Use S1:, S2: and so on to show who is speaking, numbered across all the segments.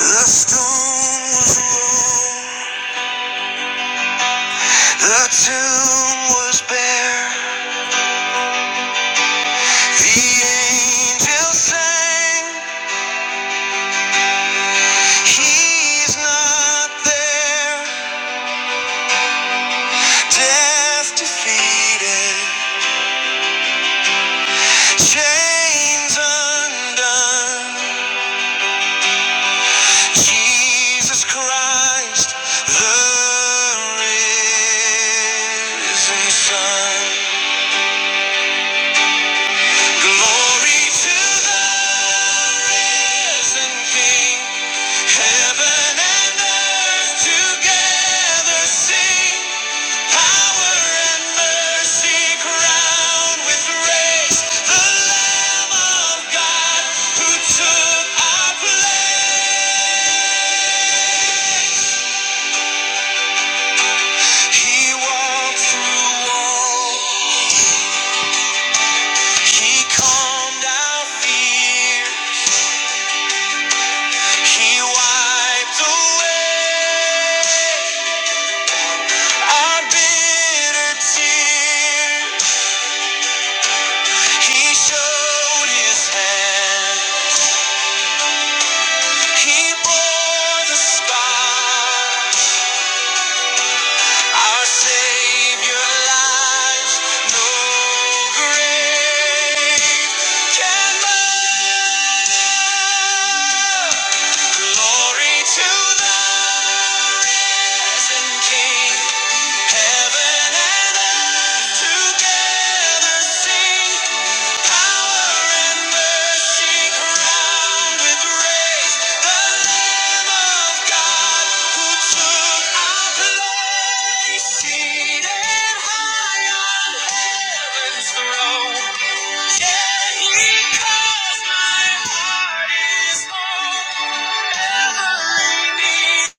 S1: The stone was rolled, the tomb was bare. The angel sang, He's not there. Death defeated, chains undone. Jesus Christ, the risen Son. Glory to the risen King. Heaven and earth together sing. Power and mercy crowned with grace. The Lamb of God who took our place. He walked through walls. He calmed our fear. He wiped away our bitter tears. He showed his hand. He bore the scars. Our Savior lies no grave can bind. Glory to the risen King. Heaven and earth together sing. Proud with praise, the Lamb of God who took our place, seated high on heaven's throne. Yeah, He calls my heart is home. Ever in need,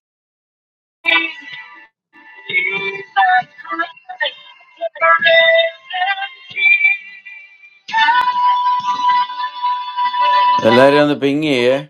S1: He's the great and perfect King.
S2: Hallelujah! The pinky, eh?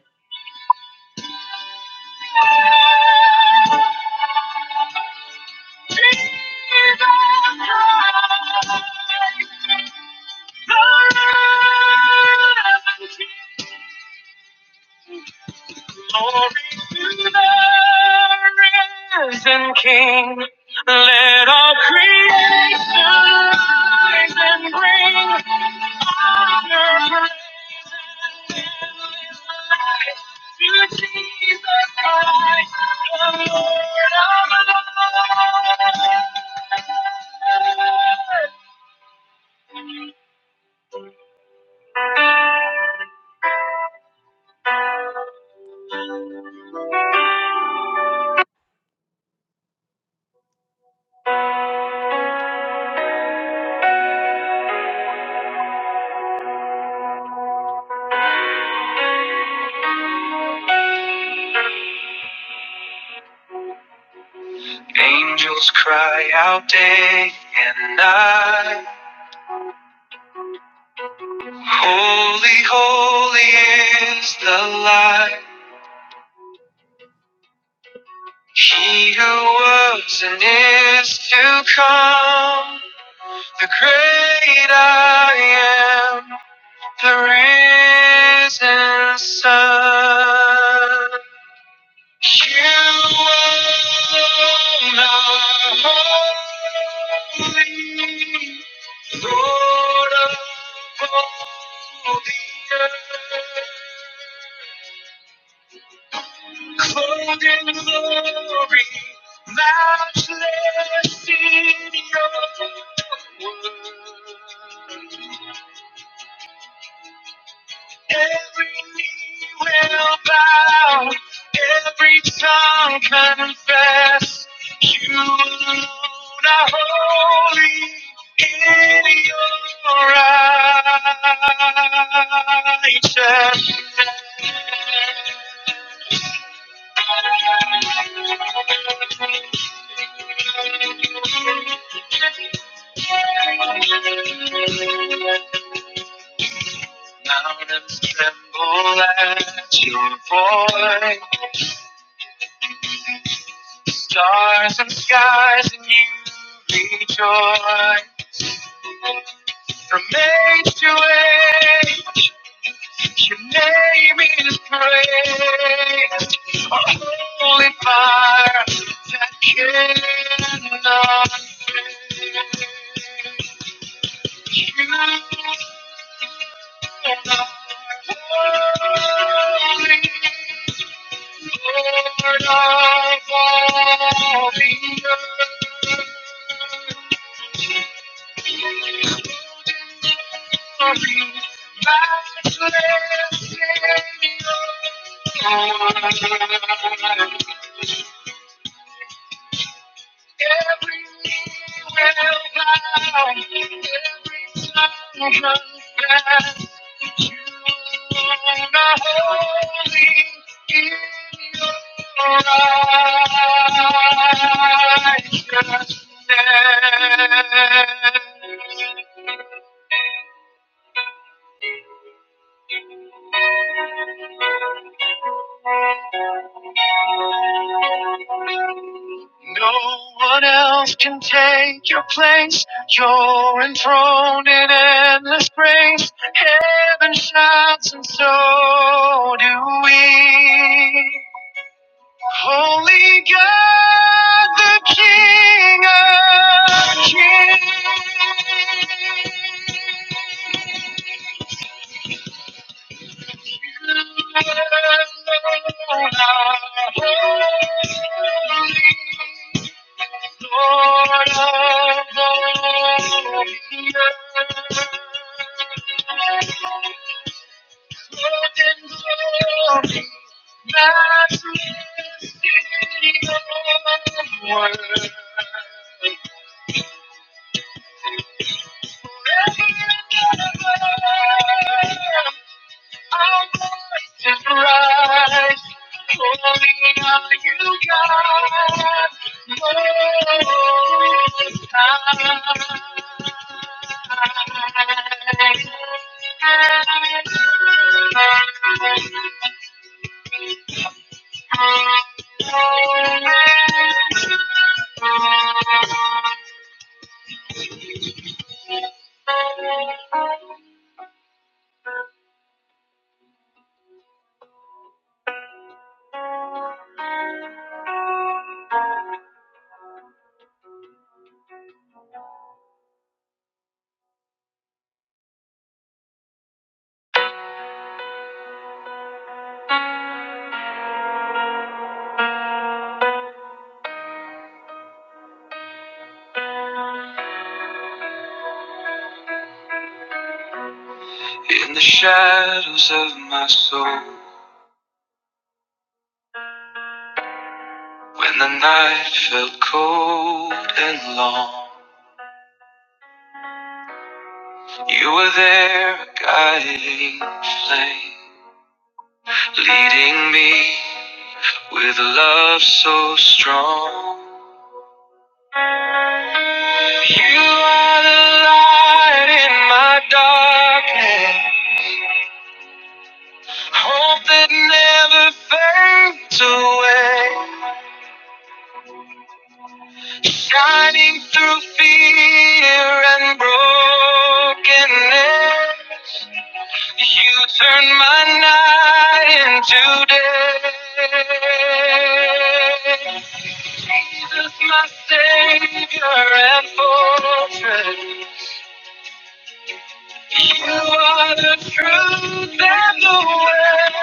S1: Create skies and bring honor, praise, and endless life to Jesus Christ, the Lord of all. Cry out day and night, holy, holy is the light. He who was and is to come. The great I am, the risen sun. You alone are holy, Lord of all the earth. Clothed in glory, matchless in your word. Every knee will bow, every tongue confess. You alone are holy in your righteousness. Mountains tremble at your voice, stars and skies, and you rejoice from age to age. Your name is great, a holy fire that cannot fade. You are holy, Lord of all the earth. Matchless in God. No one else can take your place. You're enthroned in endless grace. Heaven shines, and so do we. Holy God, the King of Kings, Lord of all the earth, Lord in glory, matchless in your word. Just rise, holy are you, God, most high. In the shadows of my soul, when the night felt cold and long. You were there, a guiding flame, leading me with a love so strong. You are the light in my darkness, hope that never fades away, shining through fear and brokenness. You turn my night into day. Jesus, my Savior and fortress. You are the truth and the way.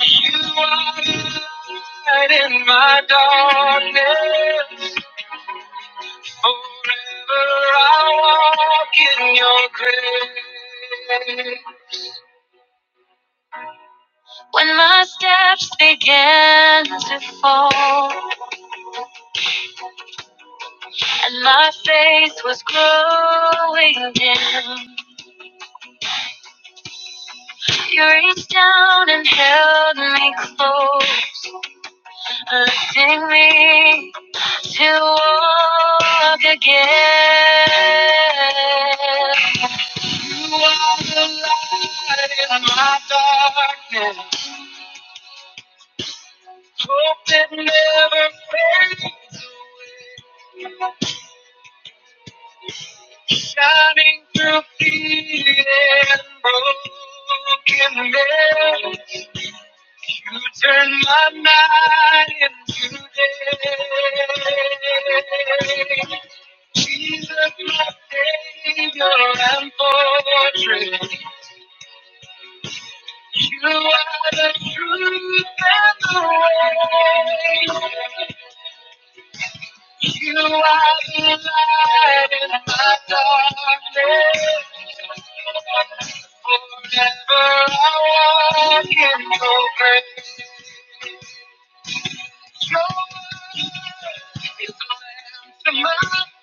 S1: You are the light in my darkness. Forever I walk in your grace. When my steps began to fall and my faith was growing dim, you reached down and held me close, lifting me to walk again. You are the light in my darkness, hope that never fades. shining through defeat and brokenness. You turn my night into day. Jesus, my Savior and fortress. You are the truth and the way. You are the light in my darkness. Forever I walk in your grace. You're the mountain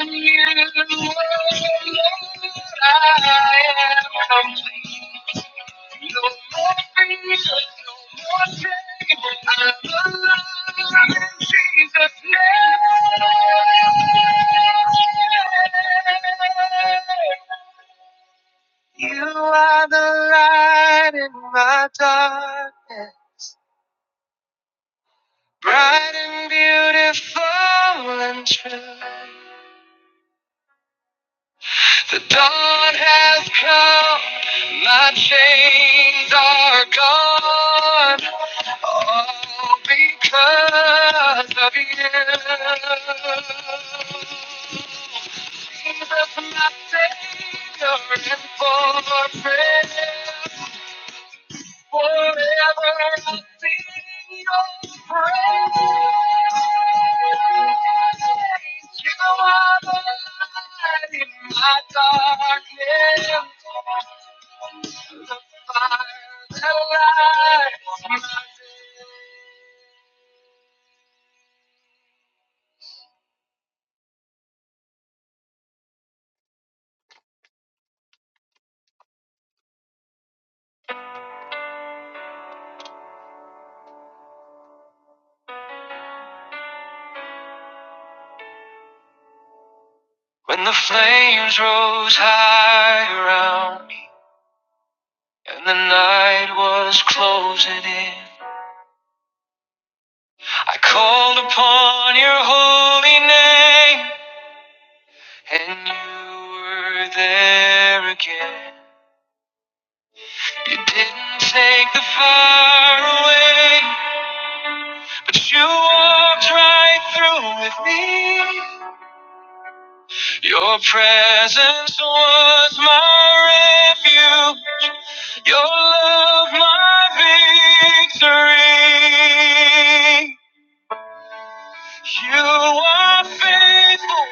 S1: in you. Lord, I am complete. I'm alive in Jesus' name. You are the light in my darkness, bright and beautiful and true. The dawn has come, my chains are gone, all because of you. Jesus, my Savior and fortress, Forever I'll sing your praise. You are the light in my darkness. The fire that lights my day. When the flames rose high around me and the night was closing in, I called upon your holy name. And you were there again. You didn't take the fire away, but you walked right through with me. Your presence was my refuge, your love my victory. You are faithful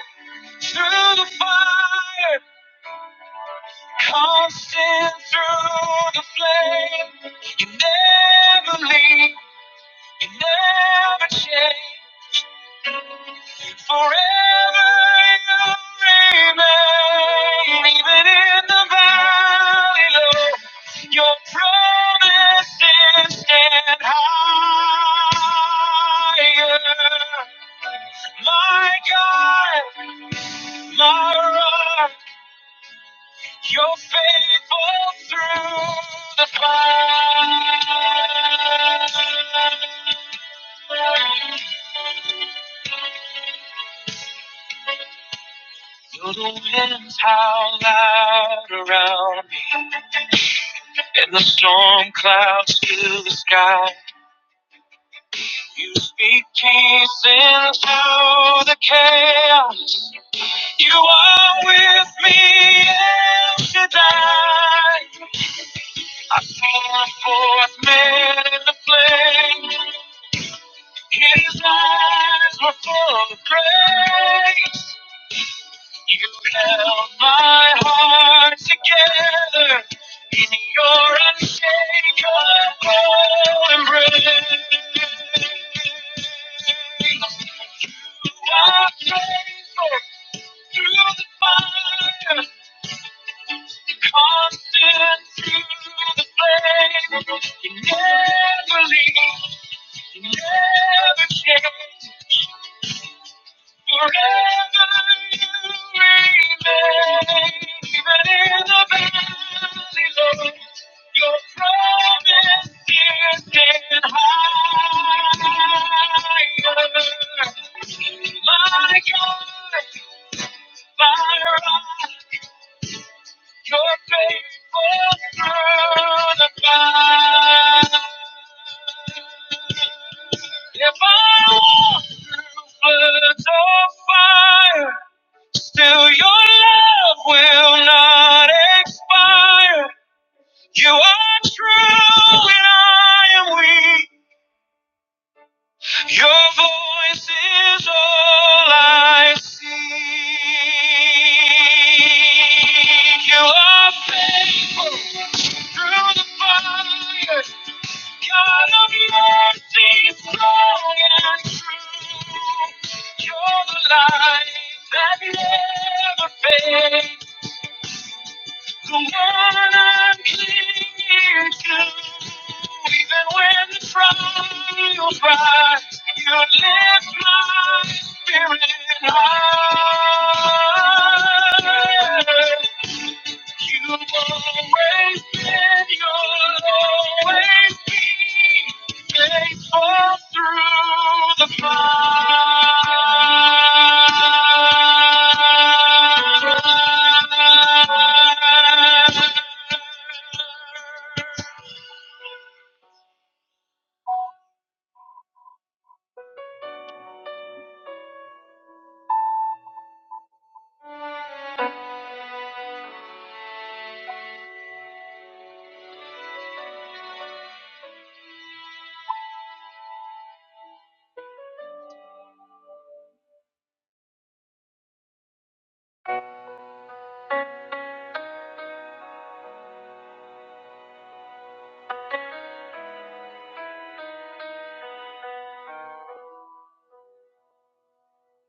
S1: through the fire. Constant through the flame, you never leave, you never change. Forever you remain, even in the valley low, your promises stand higher. My God, my rock. You're faithful through the fire. Though the winds howl loud around me, and the storm clouds fill the sky. You speak peace into the chaos. You are with me El Shaddai. I pour forth men in the flame. His eyes were full of grace. You held my heart together in your unshakable embrace. You are faithful through the fire, constant through the flame. You never leave, you never change. Forever you remain, even in the valley Your your promise is in higher. My God, my God, faithful through the fire. If I walk was a fire, Still, your love will not expire. You are true and I am weak. Your voice is all I seek. You are faithful through the fire. God of mercy, strong and true. You're the light that never fades. The one I'm clinging to, even when the trials rise, you lift my spirit high. You've always been, you'll always be faithful through the fire.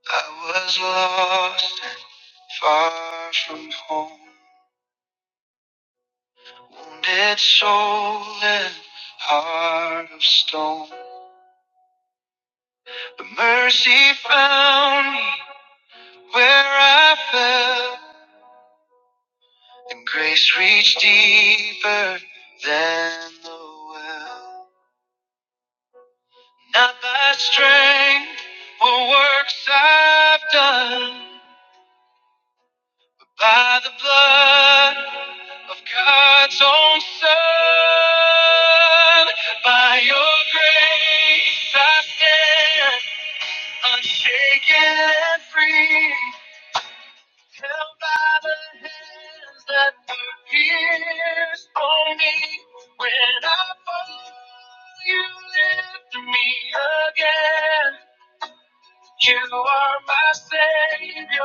S1: I was lost, far from home, wounded soul and heart of stone. But mercy found me where I fell, and grace reached deeper than the well. Not by strength or works I've done. by the blood of God's own Son. By your grace I stand, unshaken and free, held by the hands that were pierced for me. When I fall, you lift me again. You are my savior,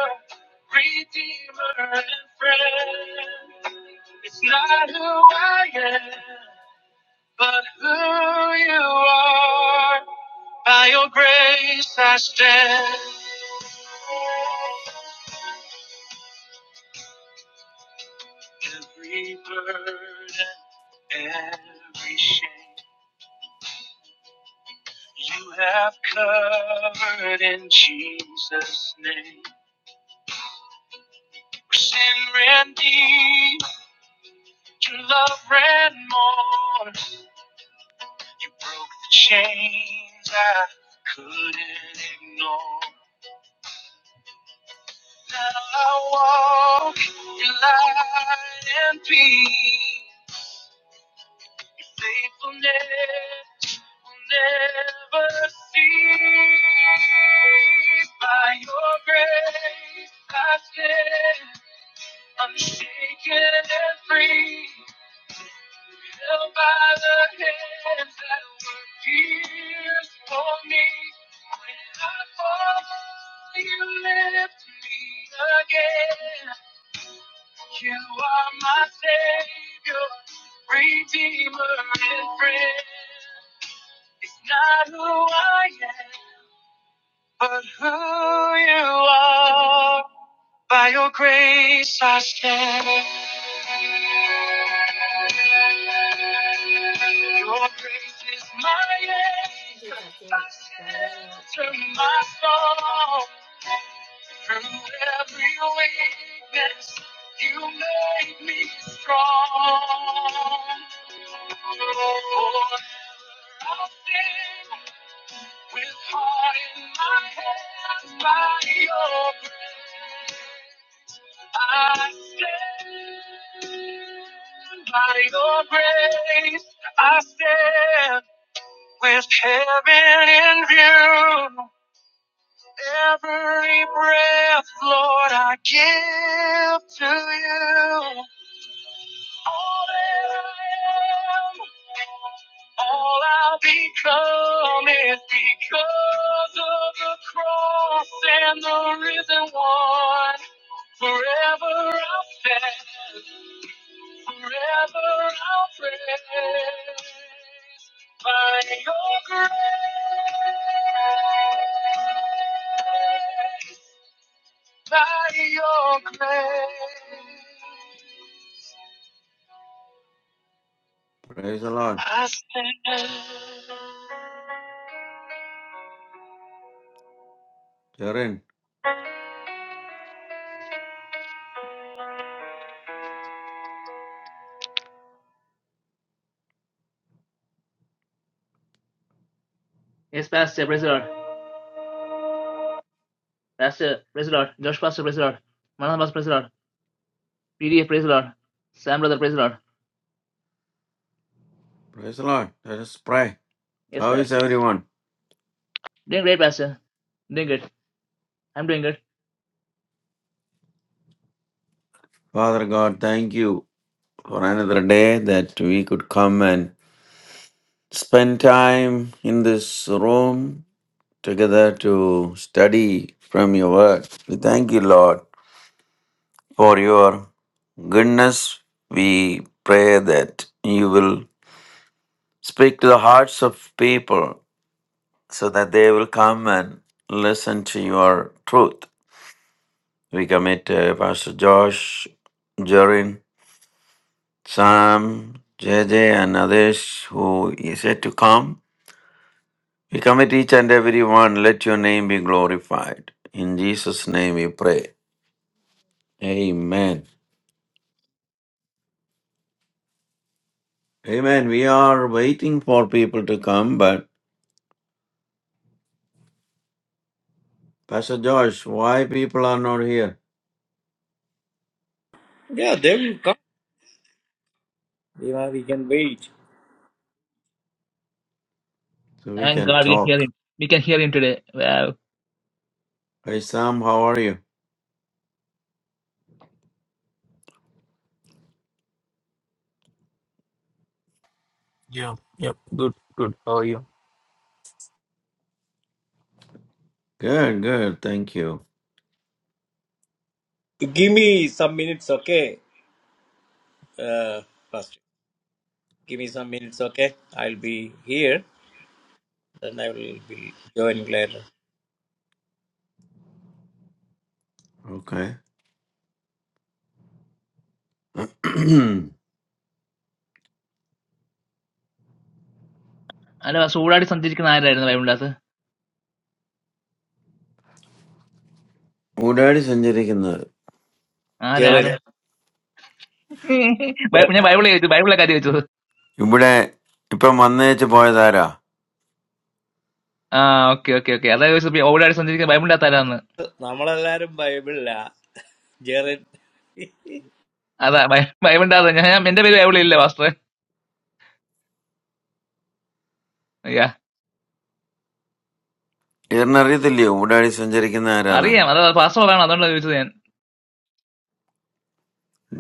S1: redeemer, and friend. It's not who I am, but who you are. By your grace I stand. Every burden, every shame, you have covered in Jesus' name. Sin ran deep, your love ran more. You broke the chains I couldn't ignore. Now I walk in light and peace. Your faithfulness will never cease. By your grace I stand unshaken and free. Held by the hands that were pierced for me. When I fall, you lift me again. You are my savior, redeemer, and friend. It's not who I am, but who you are. By your grace I stand. Your grace is my anchor, my shelter, my song. Through every weakness, you made me strong. Forever I'll sing with heart in my hands by your grace. I stand by your grace. I stand with heaven in view. Every breath, Lord, I give to you. All that I am, all I become is because of the cross and the risen one. Forever I'll stand. Forever I'll praise by your grace, by your grace.
S2: Praise the Lord.
S1: I stand.
S2: Children,
S1: Yes, Pastor, praise the Lord. Pastor, praise the Lord. Josh Pastor, praise the Lord. Man Pastor, praise the Lord. PDF, praise the Lord. Sam brother, praise the Lord.
S2: praise the Lord. Let us pray.
S1: Yes,
S2: How is
S1: Pastor.
S2: everyone?
S1: Doing great, Pastor. Doing good. I'm doing good.
S2: Father God, thank you for another day that we could come and spend time in this room together to study from your word. We thank you, Lord, for your goodness. We pray that you will speak to the hearts of people so that they will come and listen to your truth. We commit uh, Pastor Josh, Jorin, Sam, J J, and others who is yet to come. We commit each and every one. Let your name be glorified. In Jesus' name we pray. Amen. Amen. We are waiting for people to come, but Pastor Josh, why people are not here?
S3: Yeah, they will come. You know, we can wait.
S2: So we
S1: Thank
S2: can
S1: God we can hear
S2: talk.
S1: him. We can hear him today. Wow.
S2: Hey Sam, how are you?
S4: Yeah, yep. Good, good. How are you?
S2: Good, good. Thank you.
S3: Give me some minutes, okay? Uh, first, give me some minutes, okay? I'll be here. Then I will be joining later.
S2: Okay. Who
S1: അല്ല സൂടായിട്ട് സഞ്ചരിക്കുന്ന ആരായിരുന്നു ബൈബിളിനകത്ത്
S2: കൂടാടി
S3: Jaren,
S1: ആരായിരുന്നു
S2: സഞ്ചരിക്കുന്നത്
S1: By
S3: Jaren,
S1: any Bible, I do Bible like I do.
S2: Youbada, इप्पम अन्येचे boys Ayra,
S1: Ah, okay, okay, okay. That is why over there, I understand that Bible daata is.
S3: നമ്മളെല്ലാരും ബൈബിളില്ല Jerin
S1: That Bible daata. I mean, that Bible is not available. Yeah.
S2: टेरनरी तो लियो, उडाडी संजरी किन्हायरा
S1: Are
S2: ना,
S1: you? That is pastel. I don't know about that.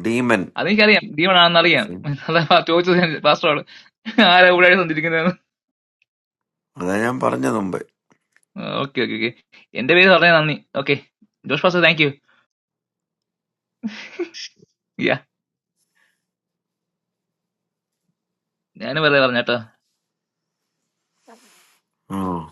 S2: demon.
S1: That is clearly. Do you know that? Are you? That is pastel. Are over there? I understand that.
S2: अधजाम पारण्य दोंबई.
S1: Okay, okay, okay. In that video, right? Okay. Just pastel. Thank you. Yeah. I never heard that.
S2: Oh,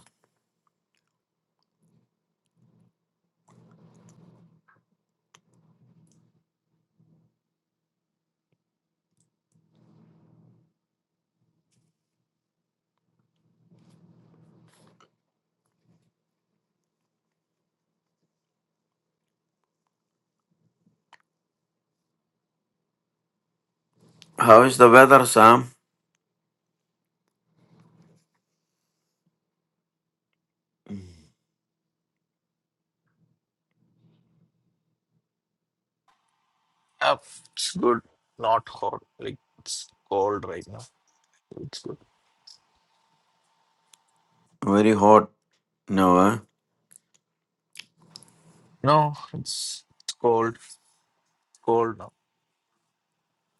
S2: how is the weather, Sam?
S4: Uh, it's good. Not hot. Like it's cold right now. It's good.
S2: Very hot, no?
S4: No, it's it's cold. Cold now.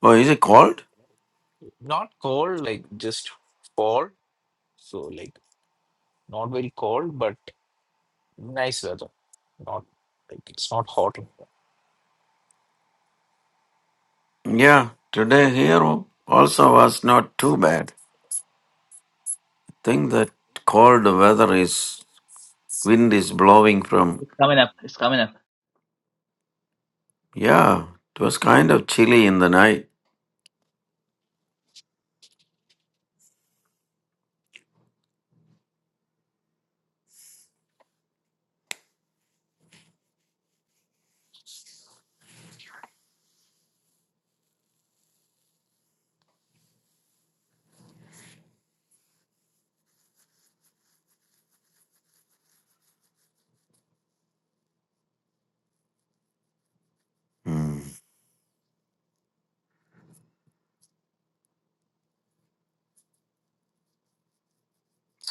S2: Oh, is it cold?
S4: Not cold, like just fall. So like not very cold, but nice weather. Not like it's not hot. in here.
S2: Yeah, today here also was not too bad. Think that cold weather is wind is blowing from.
S1: It's coming up. It's coming up.
S2: Yeah, it was kind of chilly in the night.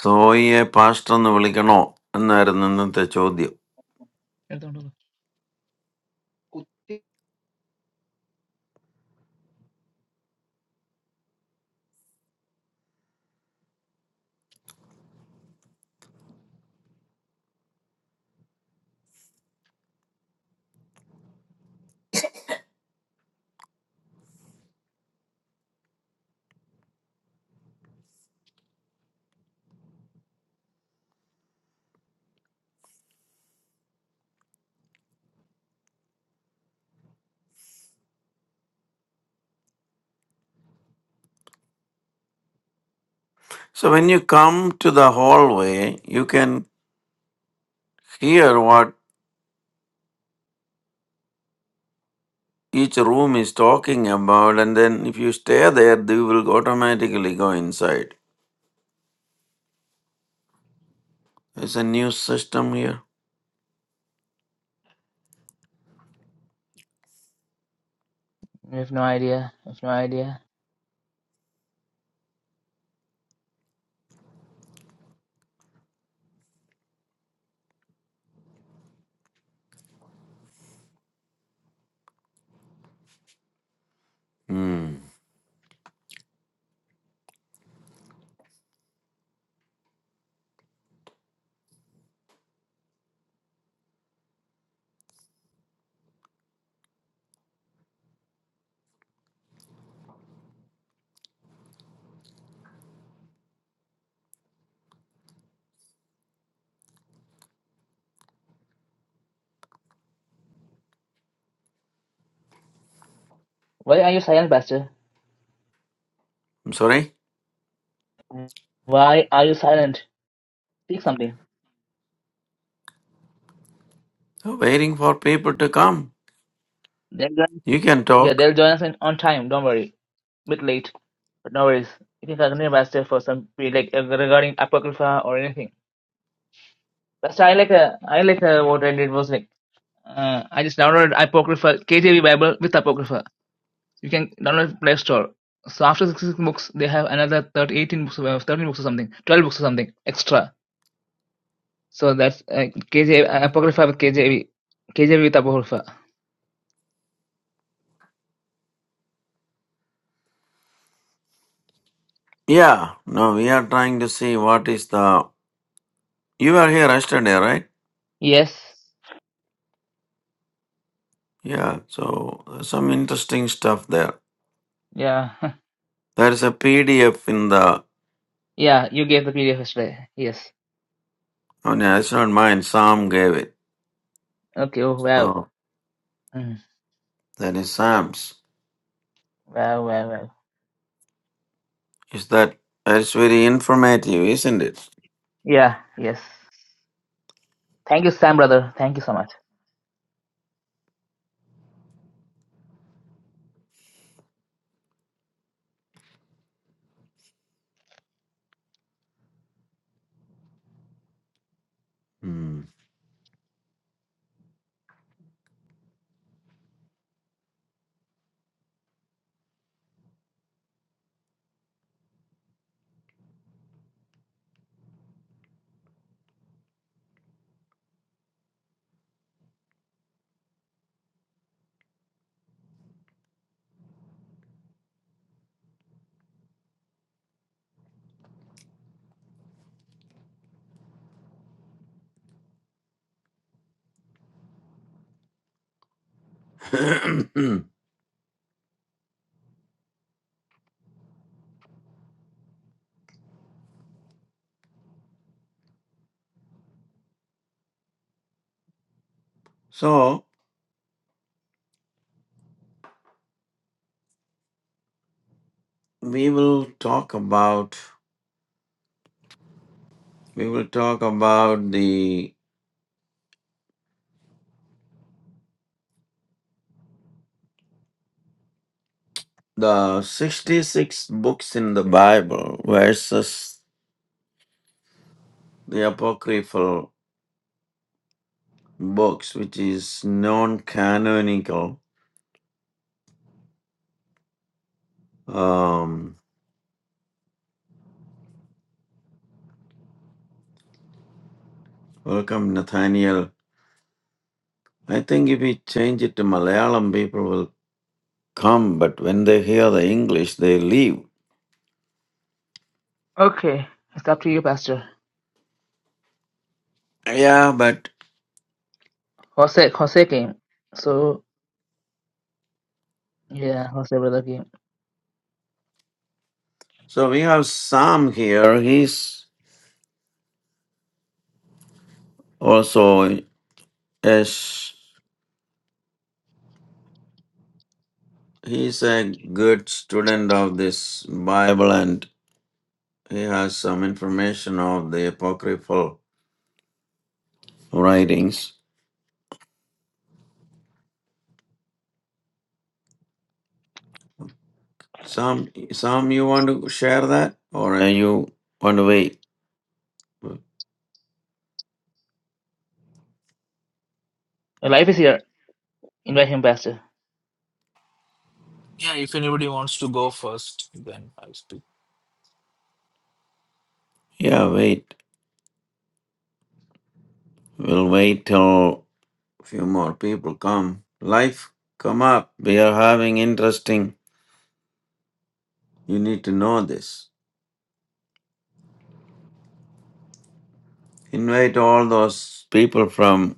S2: So ये पास्तन वली कनो अन्यर नंदन तेचूदियो.
S1: I don't know.
S2: So when you come to the hallway, you can hear what each room is talking about, and then if you stay there, you will automatically go inside. It's a new system here.
S1: I have no idea. I have no idea.
S2: Hmm.
S1: Why are you silent, Pastor?
S2: I'm sorry?
S1: Why are you silent? Speak something.
S2: We're waiting for people to come.
S1: They'll join,
S2: You can
S1: yeah,
S2: talk.
S1: they'll join us in, on time. Don't worry. bit late, but no worries. You can continue, Pastor, for some pre- like uh, regarding apocrypha or anything. Pastor, I like uh, I like uh, what I did was like uh, I just downloaded apocrypha KJV Bible with apocrypha. You can download Play Store. So after 66 books, they have another 30, 18 books, uh, 13 books or something, 12 books or something extra. So that's uh, KJV uh, apocrypha with KJV, KJV with apocrypha.
S2: Yeah. No, we are trying to see what is the. You were here yesterday, right?
S1: Yes.
S2: Yeah. So there's some interesting stuff there.
S1: Yeah.
S2: There is a PDF in the.
S1: Yeah. You gave the PDF yesterday. Yes.
S2: Oh, no, it's not mine. Sam gave it.
S1: Okay. Oh Wow.
S2: So
S1: Mm.
S2: that is Sam's.
S1: Well, well, well.
S2: Is that that's very informative, isn't it?
S1: Yeah, yes. Thank you, Sam, brother. Thank you so much.
S2: Mm. so we will talk about we will talk about the the sixty six books in the Bible versus the apocryphal books, which is non canonical. Um, welcome, Nathaniel. I think if we change it to Malayalam, people will come, but when they hear the English, they leave.
S1: Okay, it's up to you, Pastor.
S2: Yeah, but
S1: Jose, Jose came. So, yeah, Jose, brother came.
S2: So we have Sam here. He's also a sh- he's a good student of this Bible, and he has some information of the apocryphal writings. Sam, Sam, you want to share that, or uh, you want to wait?
S1: life is here. Invite him, Pastor.
S4: Yeah, if anybody wants to go first, then I'll speak.
S2: Yeah, wait. We'll wait till a few more people come. Life, come up. We are having interesting. You need to know this. Invite all those people from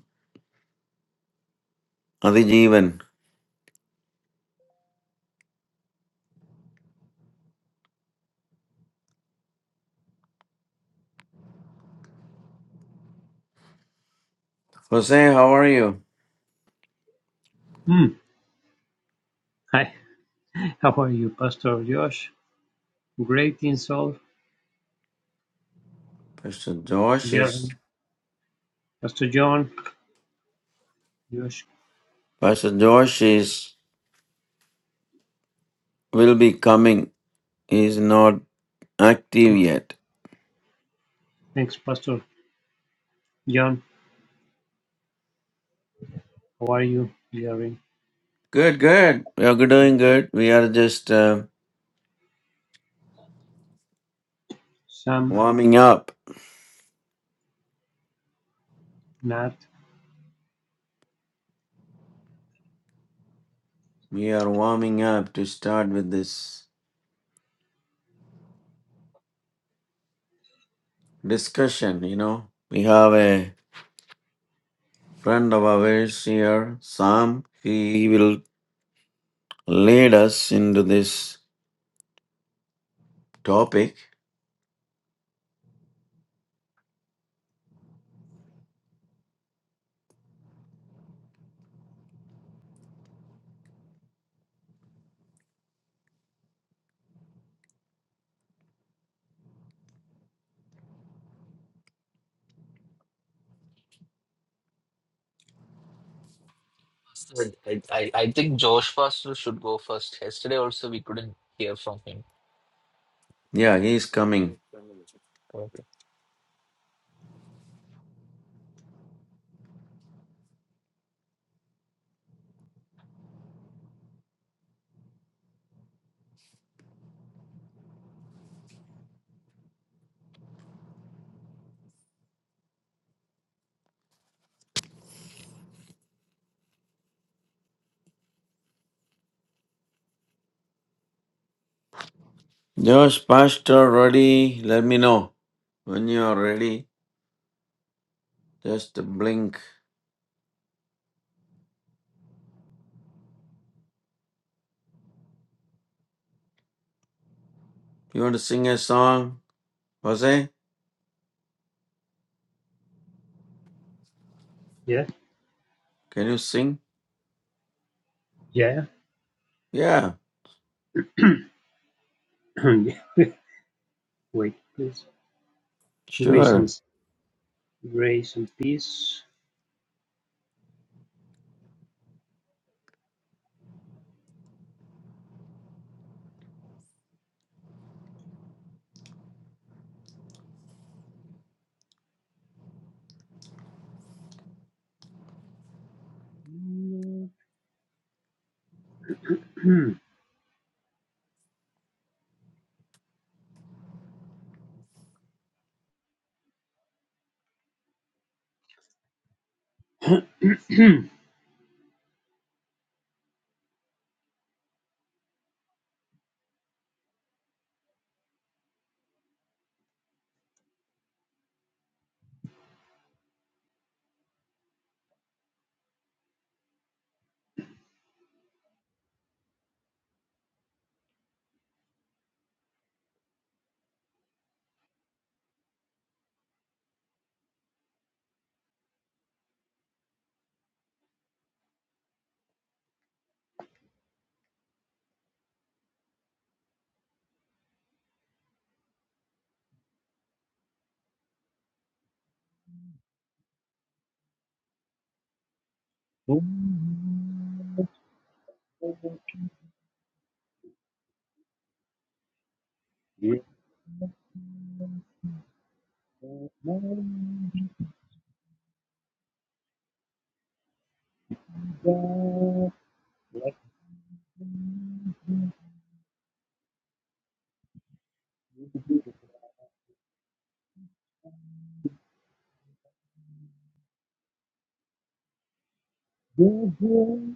S2: Adijeevan. Jose, how are you?
S5: Mm. Hi, how are you, Pastor Josh? Great in soul.
S2: Pastor Josh is
S5: Jerry. Pastor John. Josh.
S2: Pastor Josh is will be coming. He's not active yet.
S5: Thanks, Pastor John. How are you, Jerry?
S2: Good, good. We are doing good. We are just uh,
S5: Sam,
S2: warming up.
S5: Nat.
S2: We are warming up to start with this discussion. You know, we have a friend of ours here, Sam. He will lead us into this topic.
S4: I, I, I think Josh Pastor should go first. Yesterday also we couldn't hear from him.
S2: Yeah, he is coming.
S4: Okay.
S2: Josh, Pastor, ready? Let me know when you are ready. Just blink. You want to sing a song, Jose?
S5: Yeah,
S2: Can you sing?
S5: yeah.
S2: Yeah,
S5: Yeah. Wait, please. Grace
S2: sure.
S5: and grace and peace. Give my God, let the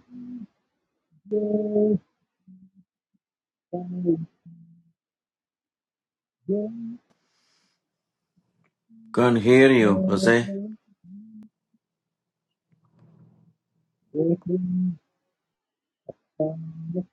S5: joy of
S2: Can't hear you, Jose.
S5: my God, My hope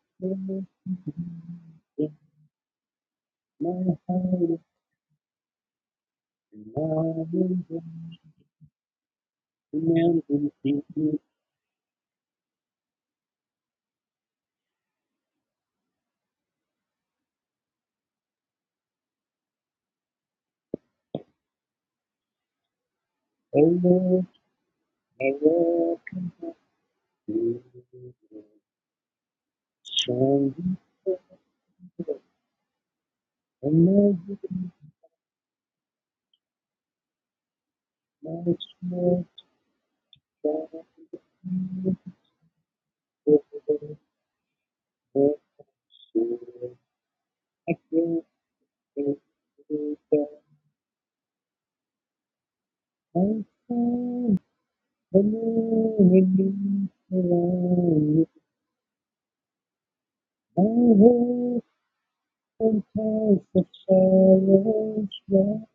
S5: Sometimes the silence,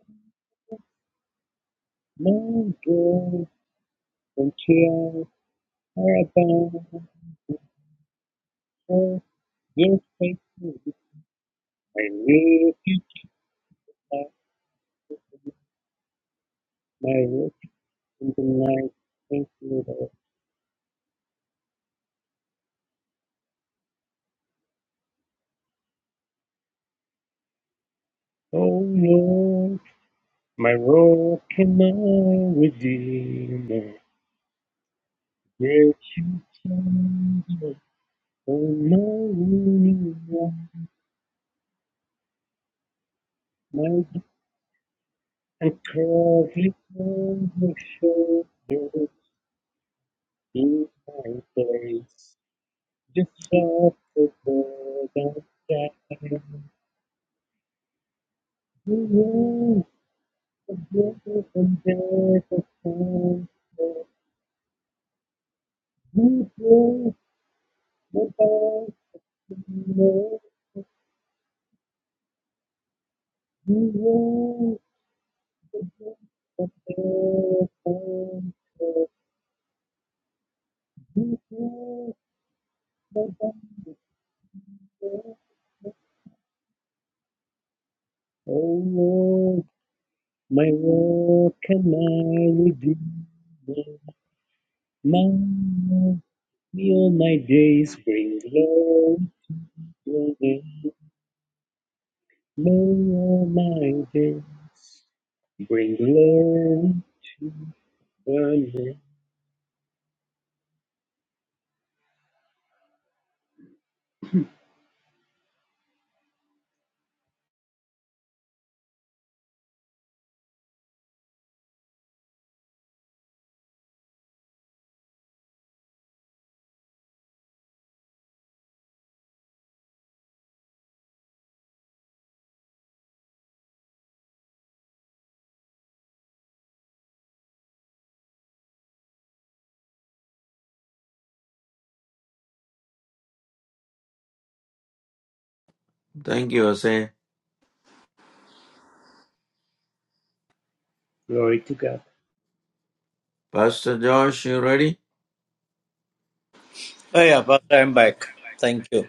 S5: my girl. Until paradise, your face will be I live you like my rock in the night, thank you, Lord. Oh, Lord, my rock and my redeemer. Yet you turned on my wounded one, my God. and crawling on your shoulder in my place. Just like the bird I die. You will forgive and bear the sin. You will without sin. You will forgive and bear the sin. You will without sin. O Lord, my Lord, can I redeem? My Lord, may all my days bring glory to Thee. May all my days Bring glory to the name.
S2: Thank you, Jose.
S5: Glory to God.
S2: Pastor Josh, you ready?
S3: Oh yeah, but I'm back. Thank you.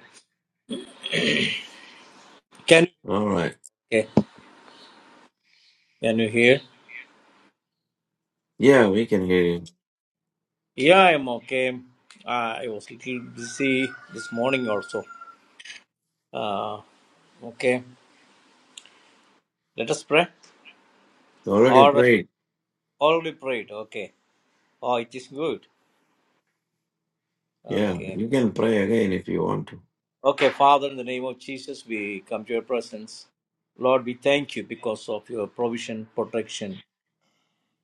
S3: Can you
S2: All right.
S3: okay? Can you hear?
S2: Yeah, we can hear you.
S3: Yeah, I'm okay. Uh, I was a little busy this morning also. Uh, okay. Let us pray. Or
S2: Already prayed.
S3: already prayed. Okay. Oh, it is good.
S2: Yeah,
S3: Okay.
S2: you can pray again if you want to.
S3: Okay, Father, in the name of Jesus, we come to your presence. Lord, we thank you because of your provision, protection.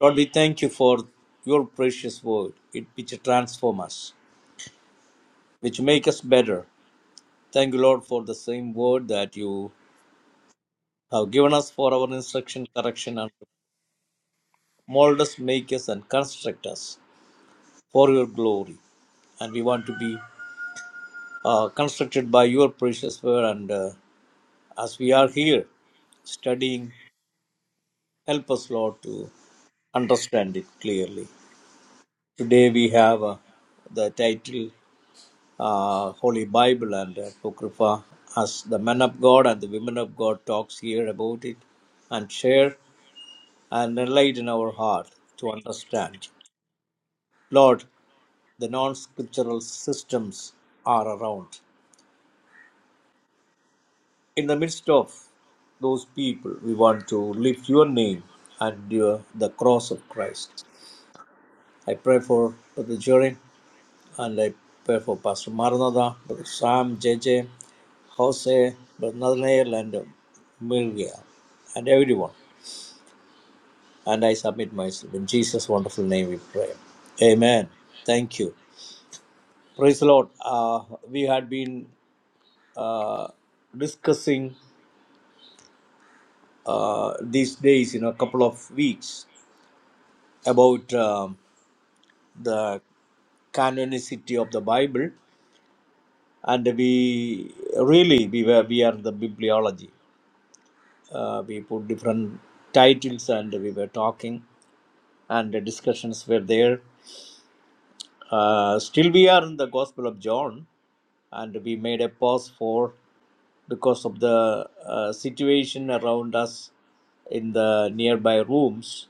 S3: Lord, we thank you for your precious word, it which transform us, which make us better. Thank you, Lord, for the same word that you have given us for our instruction, correction, and mold us, make us, and construct us for your glory. And we want to be uh, constructed by your precious word. And uh, as we are here studying, help us, Lord, to understand it clearly. Today we have uh, the title uh, Holy Bible and Apocrypha as the men of God and the women of God talks here about it and share and enlighten our heart to understand. Lord, the non-scriptural systems are around. In the midst of those people, we want to lift your name and your, the cross of Christ. I pray for Brother Jorin and I pray for Pastor Maranatha, Brother Sam, J J, Jose, Brother Nathaniel, and Milvia, and everyone. And I submit myself. In Jesus' wonderful name we pray. Amen. Thank you. Praise the Lord. Uh, we had been uh, discussing uh, these days, in a couple of weeks, about um, the canonicity of the Bible, and we really we were we are the bibliology. uh, we put different titles and we were talking and the discussions were there uh, still we are in the gospel of john and we made a pause for because of the uh, situation around us in the nearby rooms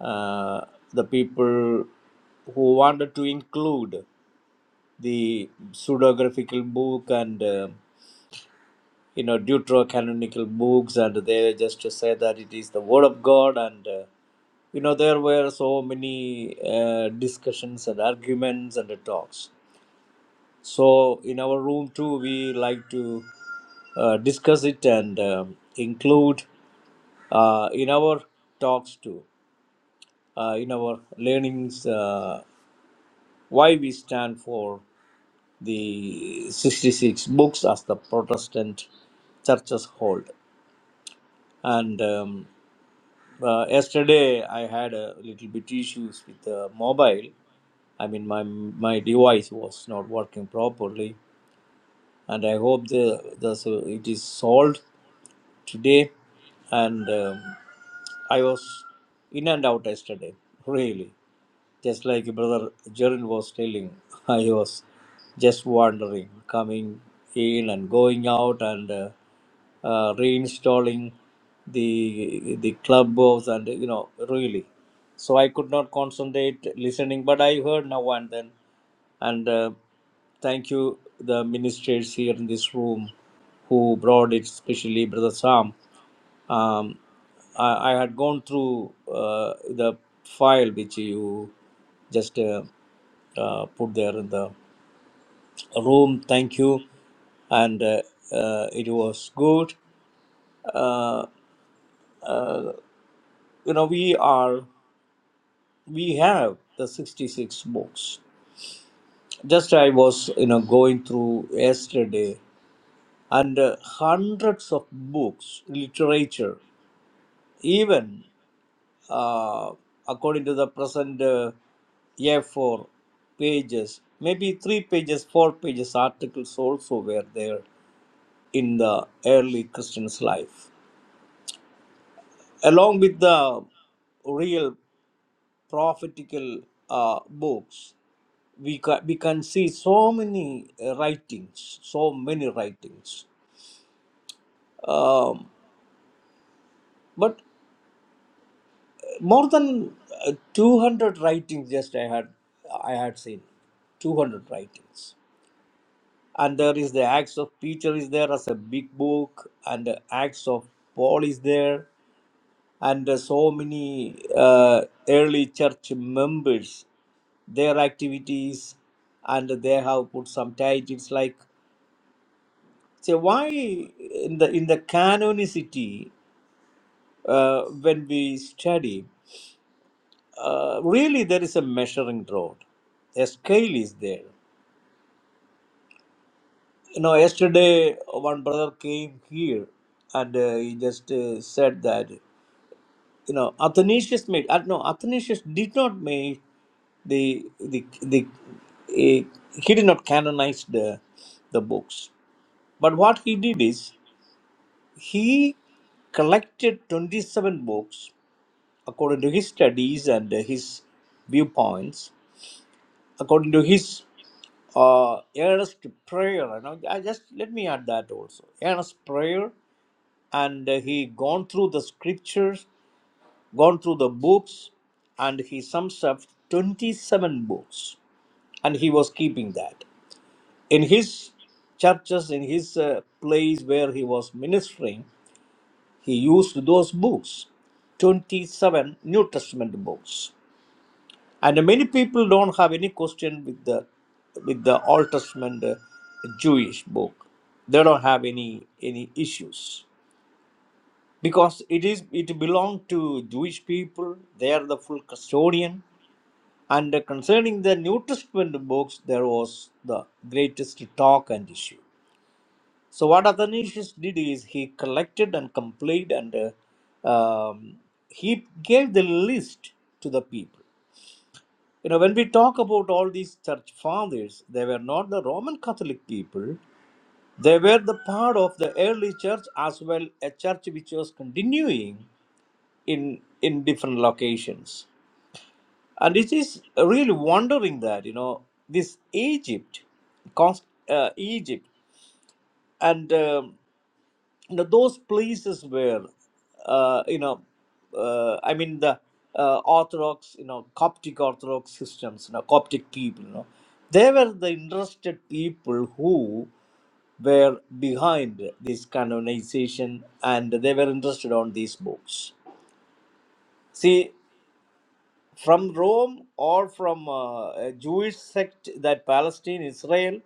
S3: uh, the people who wanted to include the pseudographical book and uh, you know deuterocanonical books and they just say that it is the word of god and uh, you know there were so many uh, discussions and arguments and talks so in our room too we like to uh, discuss it and um, include uh, in our talks too uh, in our learnings uh, why we stand for the 66 books as the protestant churches hold and um, Uh, yesterday, I had a little bit issues with the mobile. I mean, my my device was not working properly, and I hope the, the so it is solved today. And um, I was in and out yesterday, really. Just like Brother Jerin was telling, I was just wandering, coming in and going out and uh, uh, reinstalling the the clubhouse and you know really. So I could not concentrate listening, but I heard now and then. And uh, thank you, the ministers here in this room who brought it, especially Brother Sam. Um, I, I had gone through uh, the file which you just uh, uh, put there in the room. Thank you, and uh, uh, it was good. Uh, uh, you know, we are we have the sixty-six books. Just I was you know going through yesterday, and uh, hundreds of books, literature, even. uh, according to the present uh, A4 pages, maybe three pages, four pages articles also were there in the early Christian's life, along with the real prophetical uh, books. We can, we can see so many uh, writings, so many writings. Um, but more than uh, 200 writings just I had I had seen, 200 writings and there is the acts of peter is there as a big book and the acts of paul is there and uh, so many uh, early church members their activities and they have put some titles like say why in the in the canonicity uh, when we study uh, really there is a measuring rod a scale is there You know, yesterday one brother came here and uh, he just uh, said that, you know, Athanasius made, uh, no, Athanasius did not make the, the, the uh, he did not canonize the, the books. But what he did is he collected 27 books according to his studies and uh, his viewpoints according to his uh, earnest prayer. You know, I just let me add that also. Earnest prayer, and uh, he gone through the scriptures, gone through the books, and he sums up twenty-seven books, and he was keeping that in his churches, in his uh, place where he was ministering. He used those books, twenty-seven New Testament books And many people don't have any question with the with the Old Testament uh, Jewish book. They don't have any any issues because it is it belong to Jewish people. They are the full custodian. And concerning the New Testament books, there was the greatest talk and issue. So what Athanasius did is he collected and completed and uh, um, he gave the list to the people You know, when we talk about all these church fathers, they were not the Roman Catholic people. They were the part of the early church as well, a church which was continuing in in different locations. And it is really wondering that you know this Egypt, cost, uh, Egypt and um, you know, those places where uh, you know uh, i mean the uh, orthodox you know coptic orthodox systems you know coptic people you know they were the interested people who were behind this canonization and they were interested on these books see from rome or from uh, a jewish sect that palestine israel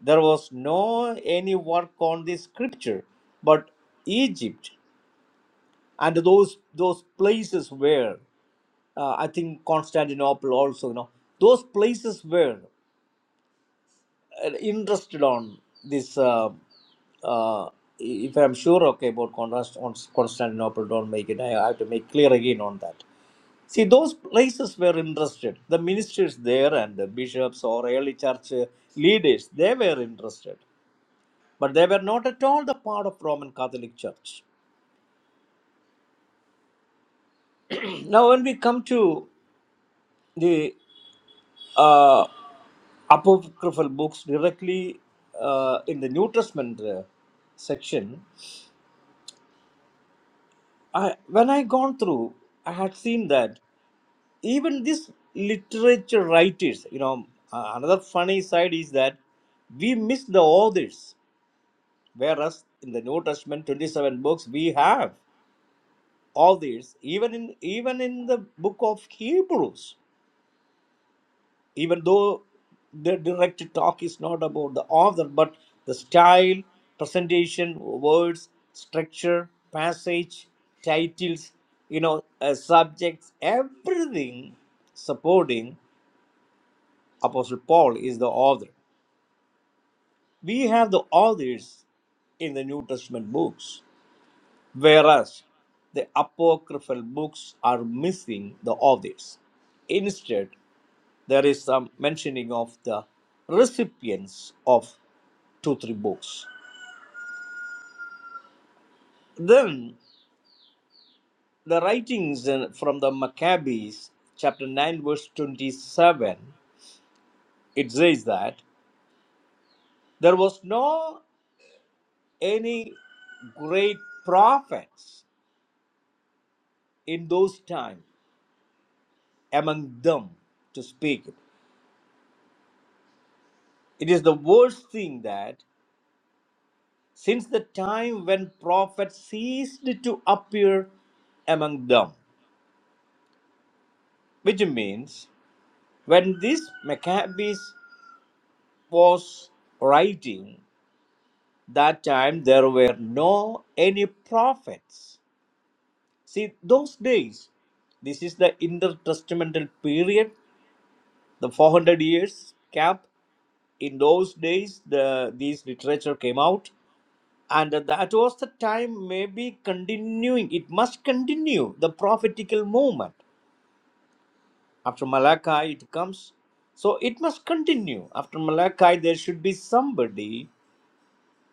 S3: there was no any work on the scripture, but Egypt and those those places where uh, I think Constantinople also, you know, those places were uh, interested on this. Uh, uh, if I'm sure okay about Const- Constantinople, don't make it. I have to make clear again on that. See, those places were interested. The ministers there and the bishops or early church uh, leaders, they were interested. but they were not at all the part of Roman Catholic Church. Now, when we come to the uh, apocryphal books directly uh, in the New Testament uh, section, I, when I gone through, I had seen that even these literature writers, you know, uh, another funny side is that we miss the authors, whereas in the New Testament, twenty-seven books we have authors, even in even in the book of Hebrews even though the direct talk is not about the author but the style presentation words structure passage titles you know uh, subjects everything supporting apostle paul is the author we have the authors in the new testament books whereas the apocryphal books are missing the authors instead there is some mentioning of the recipients of two, three books. Then the writings from the Maccabees, chapter 9, verse 27, it says that there was no any great prophets in those times among them to speak. It is the worst thing that since the time when prophets ceased to appear among them, which means when this Maccabees was writing, That time there were no any prophets. See, those days, this is the intertestamental period, the 400 years gap. In those days, the these literature came out, and that was the time. Maybe continuing, it must continue the prophetical movement. After Malachi, it comes, so it must continue. After Malachi, there should be somebody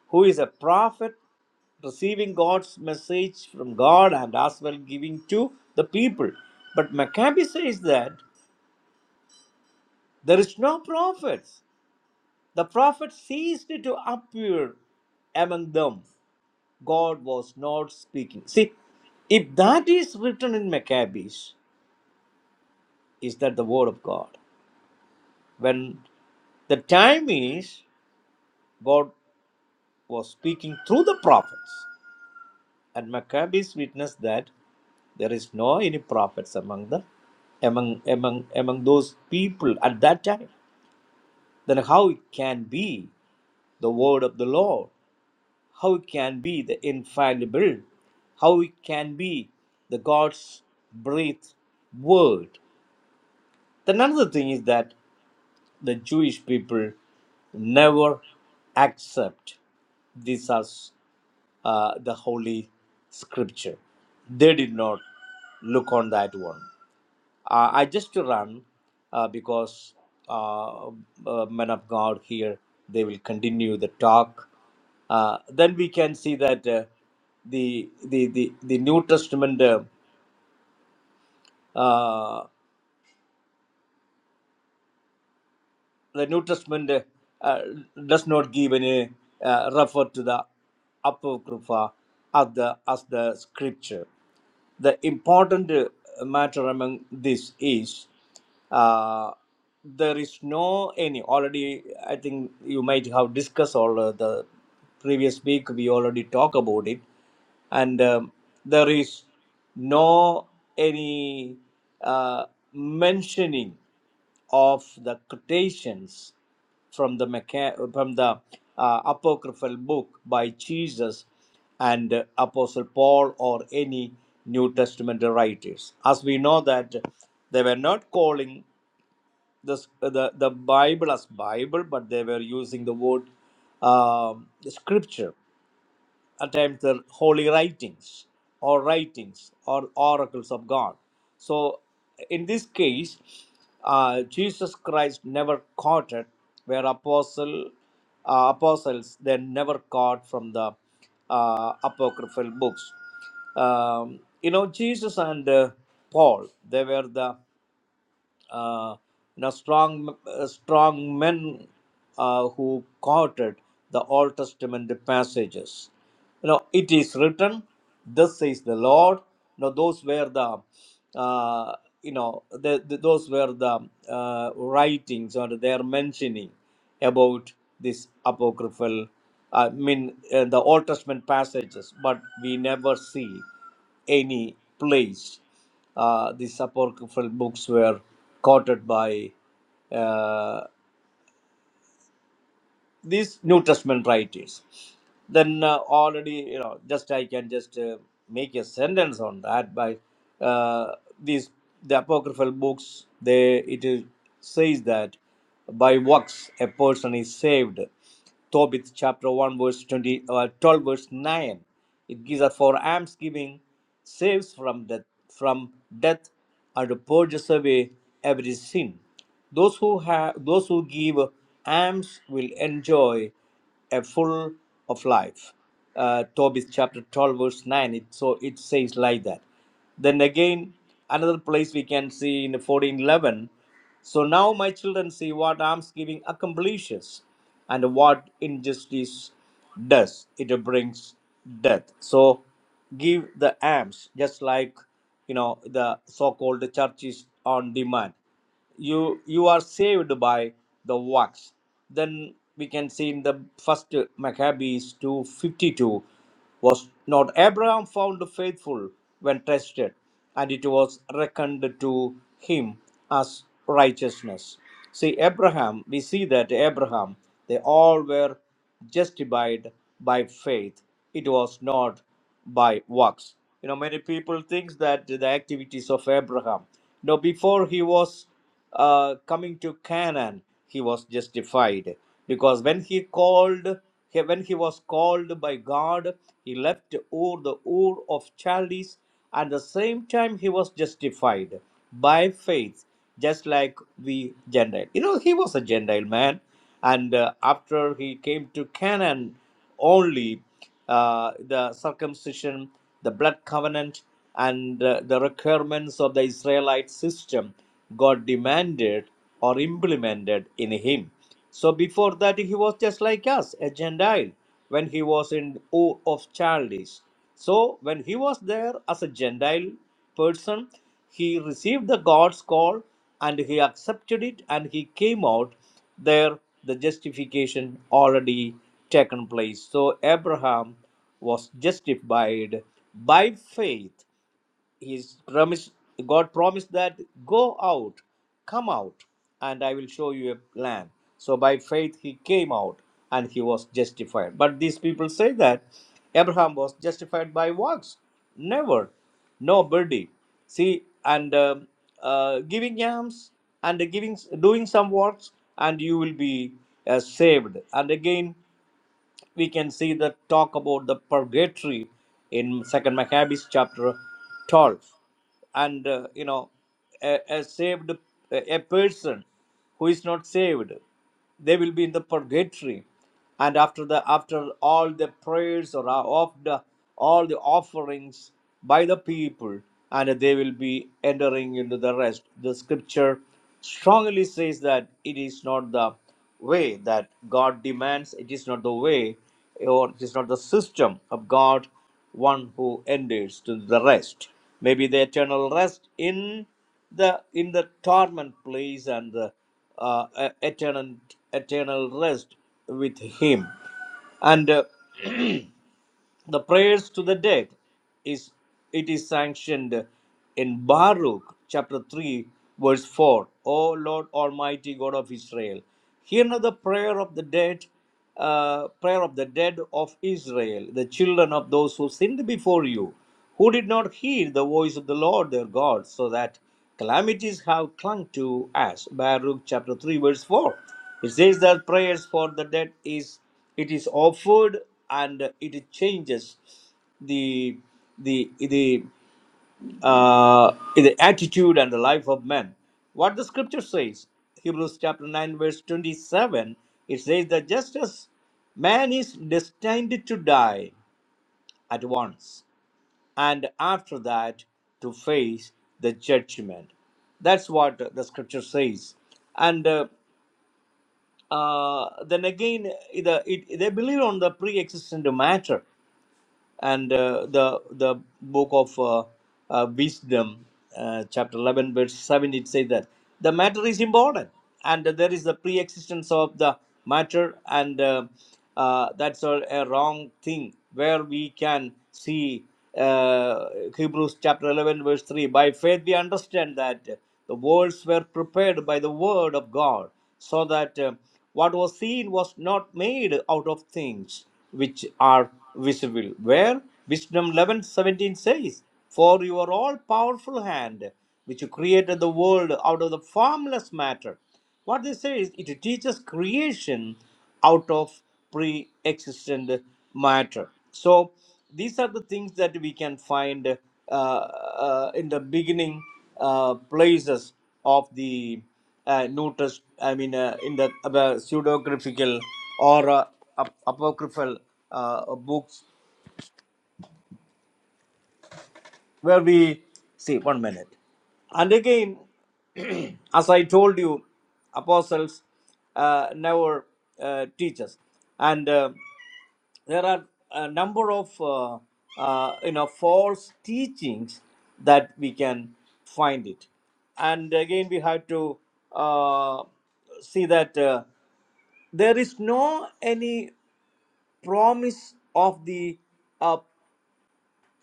S3: who is a prophet, receiving God's message from God and as well giving to the people. But Maccabee says that there is no prophets. The prophets ceased to appear among them. God was not speaking. See, if that is written in Maccabees, is that the word of God? When the time is, God was speaking through the prophets. And Maccabees witnessed that. There is no any prophets among them, among among among those people at that time. Then how it can be the word of the Lord? How it can be the infallible? How it can be the God's breathed word? Then another thing is that the Jewish people never accept this as uh, the holy scripture. They did not look on that one. Uh, I just to run uh, because uh, uh, men of God here they will continue the talk. Uh, then we can see that uh, the the the the New Testament. Uh, uh, the New Testament uh, does not give any uh, refer to the Apocrypha as the, as the scripture. The important uh, matter among this is uh, there is no any already. I think you might have discussed all uh, the previous week. We already talked about it, and um, there is no any uh, mentioning of the quotations from the Maca- from the uh, apocryphal book by Jesus and uh, Apostle Paul or any New Testament writers, as we know that they were not calling this uh, the the Bible as Bible, but they were using the word um scripture at times the holy writings or writings or oracles of God. So, in this case, uh, Jesus Christ never quoted where apostle uh, apostles they never quote from the uh, apocryphal books. Um, you know, Jesus and uh, Paul they were the uh, you know, strong, uh, strong men uh, who quoted the Old Testament passages. You know, it is written, "This says the Lord." You know, those were the, uh, you know, the, the- those were the uh, writings or their mentioning about this apocryphal. I mean, uh, the Old Testament passages, but we never see any place. Uh, these apocryphal books were quoted by uh, these New Testament writers. Then uh, already, you know, just I can just uh, make a sentence on that by uh, these the apocryphal books. They it is, says that by works a person is saved Tobit chapter 1 verse 20, uh, 12 verse 9. It gives us for alms giving saves from death, from death and purges away every sin. Those who have those who give alms will enjoy a full of life. Uh, Tobit chapter 12 verse 9. It so it says like that. Then again, another place we can see in 1411. So now my children see what almsgiving accomplishes and what injustice does. It brings death. So give the alms, just like you know the so-called churches on demand you you are saved by the works then we can see in the first maccabees 252 was not abraham found faithful when tested and it was reckoned to him as righteousness see abraham we see that abraham they all were justified by faith it was not by works you know many people thinks that the activities of abraham you know before he was uh, coming to canaan he was justified because when he called he- when he was called by god he left ur the ur of chaldees and the same time he was justified by faith just like we gentile you know he was a gentile man and uh, after he came to Canaan, only uh, the circumcision, the blood covenant, and uh, the requirements of the Israelite system got demanded or implemented in him. So before that, he was just like us, a Gentile, when he was in awe of childish. So when he was there as a Gentile person, he received the God's call and he accepted it and he came out there the justification already taken place so abraham was justified by faith He's promised, God promised that go out, come out, and I will show you a land. So by faith he came out and he was justified. But these people say that Abraham was justified by works. Never. Nobody. See, and um uh, giving yams and giving, doing some works, and you will be uh, saved. And again, we can see the talk about the purgatory in second maccabees chapter 12 and uh, you know a, a saved a a person who is not saved they will be in the purgatory and after the after all the prayers or of the all the offerings by the people and they will be entering into the rest the scripture strongly says that it is not the way that God demands, it is not the way or it is not the system of God, one who enters to the rest. Maybe the eternal rest in the in the torment place and the uh, e- eternal eternal rest with him. And uh, the prayers to the dead is it is sanctioned in baruch chapter 3 verse 4 o lord almighty god of israel hear now the prayer of the dead uh, prayer of the dead of israel the children of those who sinned before you who did not heed the voice of the Lord their God, so that calamities have clung to us. Baruch chapter 3, verse 4. It says that prayers for the dead is it is offered and it changes the the the uh, the attitude and the life of men. What the scripture says, Hebrews chapter 9, verse 27, it says that just as man is destined to die at once and after that to face the judgment. That's what the scripture says. And uh, uh, then again, the, it, they believe on the pre-existent matter and uh, the the book of uh, uh, wisdom uh, chapter 11 verse 7 it says that the matter is important and there is the pre-existence of the matter and uh, uh, that's a, a wrong thing where we can see uh, hebrews chapter 11 verse 3 by faith we understand that the worlds were prepared by the word of god so that uh, what was seen was not made out of things which are visible. Where? Wisdom 11:17 says, For your all powerful hand, which created the world out of the formless matter. What they say is, it teaches creation out of pre existent matter. So, these are the things that we can find uh, uh, in the beginning uh, places of the uh, New Test, I mean, uh, in the uh, pseudographical or uh, ap- apocryphal uh, books, where we see one minute. And again, as I told you, apostles uh, never uh, teach us, and uh, there are a number of uh, uh, you know false teachings that we can find it, and again we have to uh, see that. Uh, there is no any promise of the uh,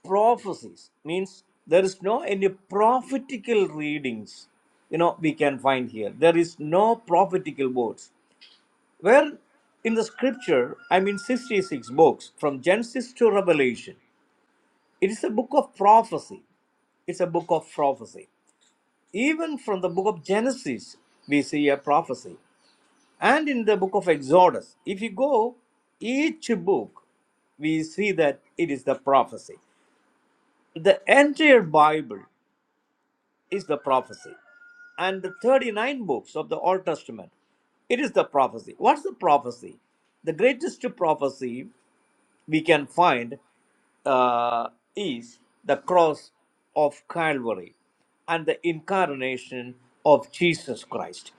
S3: prophecies means there is no any prophetical readings you know we can find here there is no prophetical words where in the scripture i mean 66 books from genesis to revelation it is a book of prophecy it's a book of prophecy even from the book of genesis we see a prophecy And in the book of Exodus, if you go each book, we see that it is the prophecy. The entire Bible is the prophecy. And the 39 books of the Old Testament, it is the prophecy. What's the prophecy? The greatest prophecy we can find uh, is the cross of Calvary and the incarnation of Jesus Christ.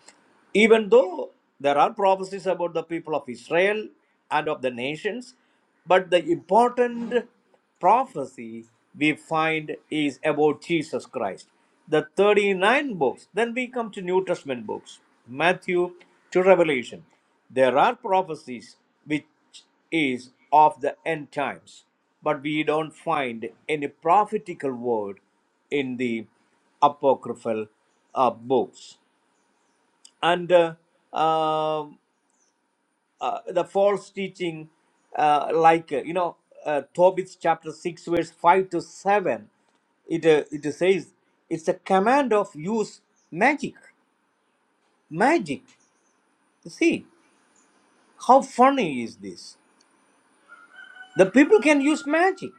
S3: Even though there are prophecies about the people of Israel and of the nations, but the important prophecy we find is about Jesus Christ. The 39 books, then we come to New Testament books, Matthew to Revelation. There are prophecies which is of the end times, but we don't find any prophetical word in the apocryphal uh, books. And uh, um, uh, the false teaching, uh, like uh, you know, uh, Tobit chapter six, verse five to seven, it uh, it says it's a command of use magic, magic. See how funny is this? The people can use magic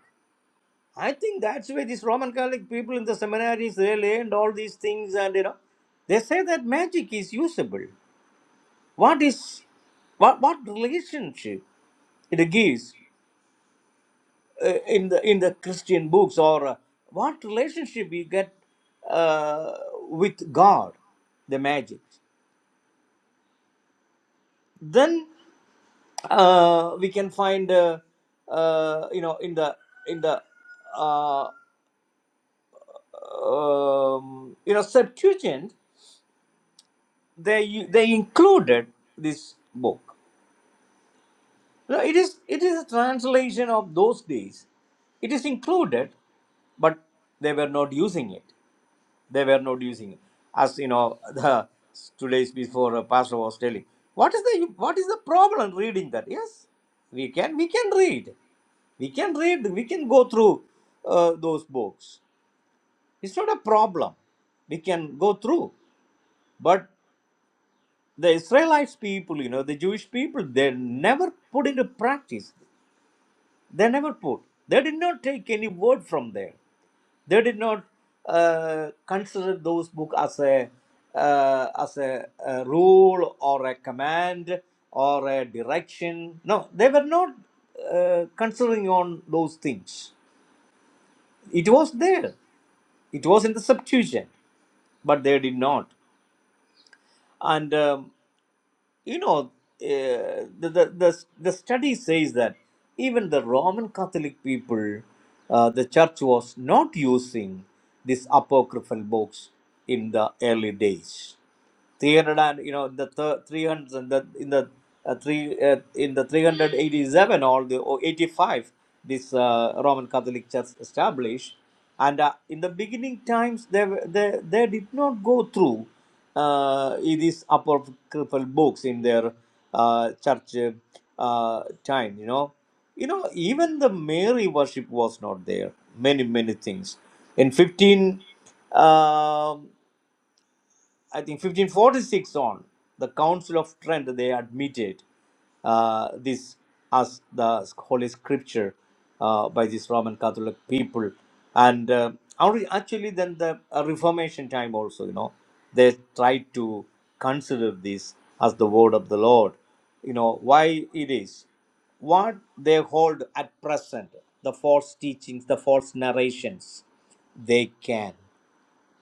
S3: I think that's why these Roman Catholic people in the seminaries they learned all these things, and you know, they say that magic is usable. What is what what relationship it gives uh, in the in the Christian books, or uh, what relationship we get uh, with God, the magic? Then uh, we can find uh, uh, you know in the in the uh, um, you know Septuagint. they they included this book No, it is it is a translation of those days it is included but they were not using it they were not using it as you know the two days before uh, pastor was telling what is the what is the problem reading that yes we can we can read we can read we can go through uh, those books it's not a problem we can go through but. the Israelites people, you know, the Jewish people, they never put into practice. They never put. They did not take any word from there. They did not uh, consider those book as a uh, as a, a rule or a command or a direction. No, they were not uh, considering on those things. It was there. It was in the Septuagint, but they did not. And um, you know, uh, the, the, the, the study says that even the Roman Catholic people, uh, the church was not using this apocryphal books in the early days. 300 and you know the th- 300 and the in the uh, three uh, in the 387 or the or 85 this uh, roman catholic church established and uh, in the beginning times they were- they, they did not go through uh, these apocryphal books in their uh, church uh, time you know you know even the mary worship was not there many many things in 15 um, I think 1546 on, the Council of Trent, they admitted uh, this as the Holy Scripture uh, by this Roman Catholic people. And uh, our- actually, then the uh, Reformation time also, you know, they tried to consider this as the word of the Lord. You know, why it is, what they hold at present, the false teachings, the false narrations, they can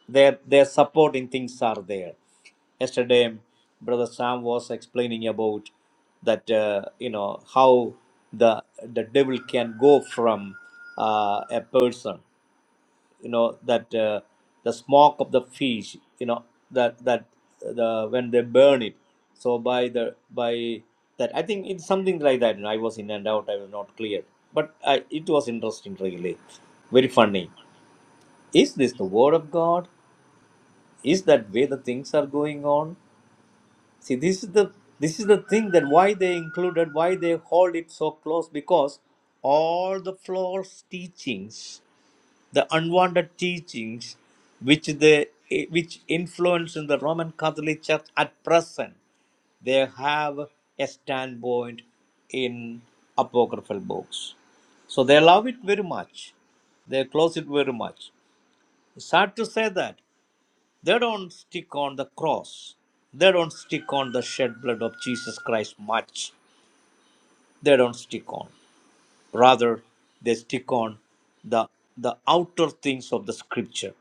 S3: their their supporting things are there yesterday brother sam was explaining about that uh, you know how the the devil can go from uh, a person you know that uh, the smoke of the fish you know that that the when they burn it so by the by that i think it's something like that you know, i was in and out i was not clear but I, it was interesting really very funny is this the word of god is that way the things are going on see this is the this is the thing that why they included why they hold it so close because all the false teachings the unwanted teachings which they eh, which influence in the roman catholic church at present they have a standpoint in apocryphal books so they love it very much they close it very much it's hard to say that they don't stick on the cross. They don't stick on the shed blood of Jesus Christ much. They don't stick on. Rather, they stick on the the outer things of the scripture.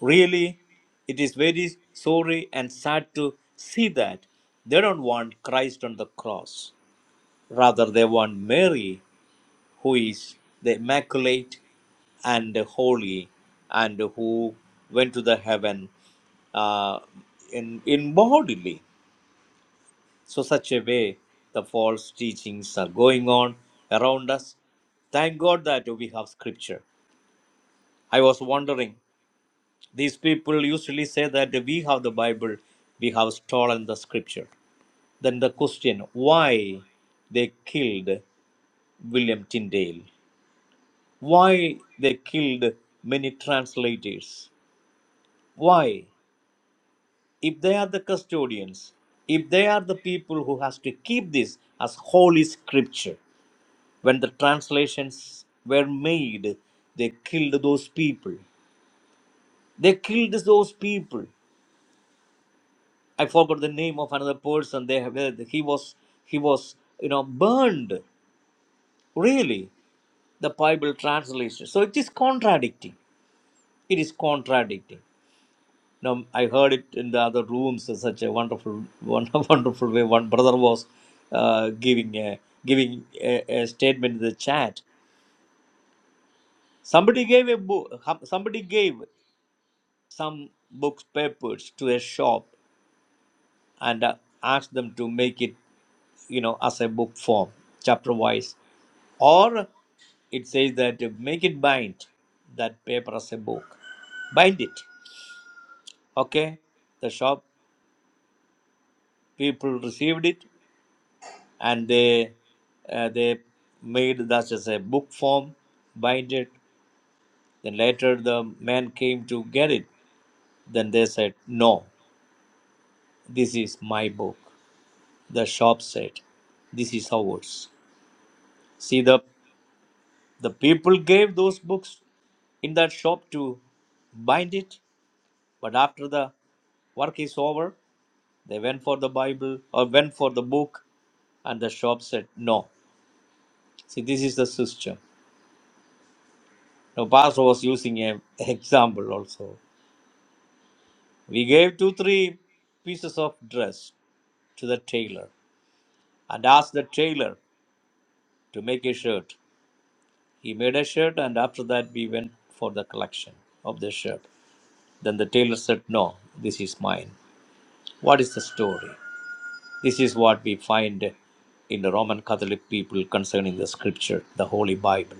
S3: Really, it is very sorry and sad to see that they don't want Christ on the cross. Rather, they want Mary who is the immaculate and holy and who went to the heaven uh, in, in bodily. So, such a way, the false teachings are going on around us. Thank God that we have scripture. I was wondering, these people usually say that we have the Bible, we have stolen the scripture. Then the question, why they killed William Tyndale? Why they killed many translators? Why? If they are the custodians, if they are the people who has to keep this as holy scripture, when the translations were made, they killed those people. They killed those people. I forgot the name of another person. They have, uh, he was he was you know burned. Really, the Bible translation. So it is contradicting. It is contradicting. know, I heard it in the other rooms in such a wonderful, one, wonderful way. One brother was uh, giving a, giving a, a statement in the chat. Somebody gave a book. Somebody gave some books papers to a shop and uh, asked them to make it, you know, as a book form, chapter wise, or it says that uh, make it bind that paper as a book bind it okay the shop people received it and they uh, they made that as a book form, bind it. Then later the man came to get it. Then they said, "No, this is my book." The shop said, "This is ours." See the the people gave those books in that shop to bind it, but after the work is over, they went for the Bible or went for the book, and the shop said, "No." See, this is the system Now, Pastor was using an example also. We gave two, three pieces of dress to the tailor and asked the tailor to make a shirt. He made a shirt, and after that, we went for the collection of the shirt. Then the tailor said, No, this is mine. What is the story? This is what we find in the Roman Catholic people concerning the scripture, the Holy Bible.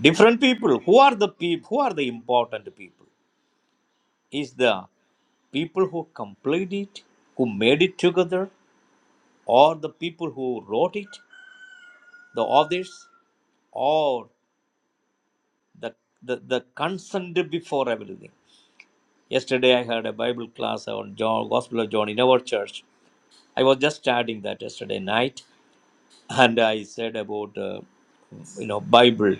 S3: Different people. Who are the people? Who are the important people? Is the people who complete it, who made it together, or the people who wrote it, the authors, or the, the, the consent before everything. Yesterday, I had a Bible class on John, Gospel of John in our church. I was just studying that yesterday night, and I said about uh, you know Bible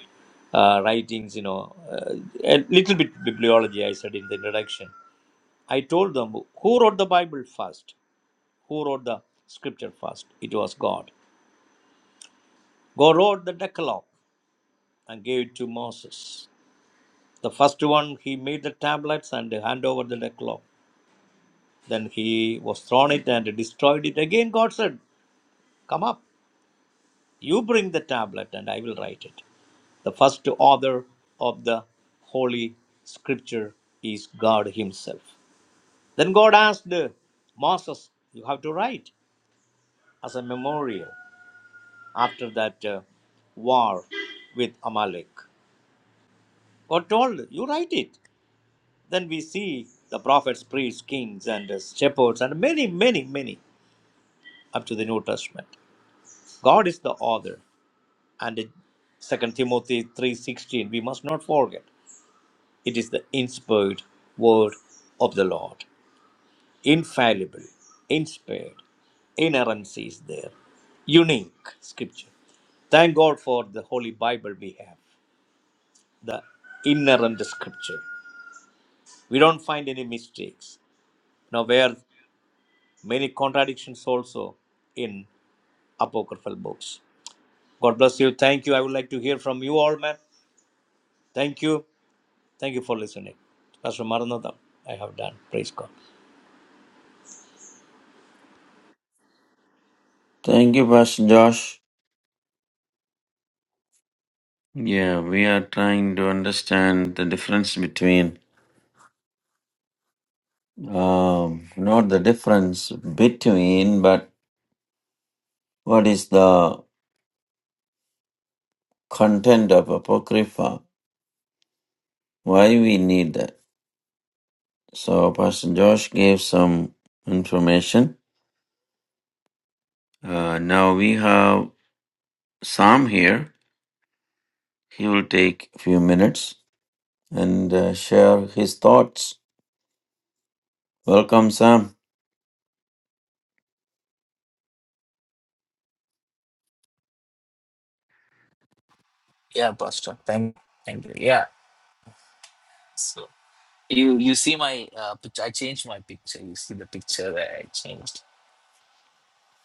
S3: uh, writings, you know, uh, a little bit bibliology. I said in the introduction. I told them who wrote the Bible first. Who wrote the scripture first? It was God. God wrote the Decalogue and gave it to Moses. The first one, he made the tablets and hand over the Decalogue. Then he was thrown it and destroyed it. Again, God said, Come up, you bring the tablet and I will write it. The first author of the Holy Scripture is God Himself. Then God asked Moses, You have to write as a memorial. after that uh, war with Amalek. We're told, you write it. Then we see the prophets, priests, kings, and uh, shepherds, and many, many, many up to the New Testament. God is the author. And uh, 2 Timothy 3.16, we must not forget, it is the inspired word of the Lord. Infallible, inspired, inerrancy is there. Unique scripture. Thank God for the Holy Bible we have. the inerrant scripture. We don't find any mistakes. Now, where many contradictions also in apocryphal books. God bless you. Thank you. I would like to hear from you all, man. Thank you. Thank you for listening. Pastor Maranatha, I have done. Praise God.
S2: Thank you, Pastor Josh. Yeah, we are trying to understand the difference between, um, not the difference between, but What is the content of Apocrypha? Why we need that? So Pastor Josh gave some information. Uh, now we have Sam here. He will take a few minutes and uh, share his thoughts. Welcome, Sam.
S4: Yeah, Pastor. Thank, thank you. Yeah. You you see my uh, picture. I changed my picture. You see the picture that I changed.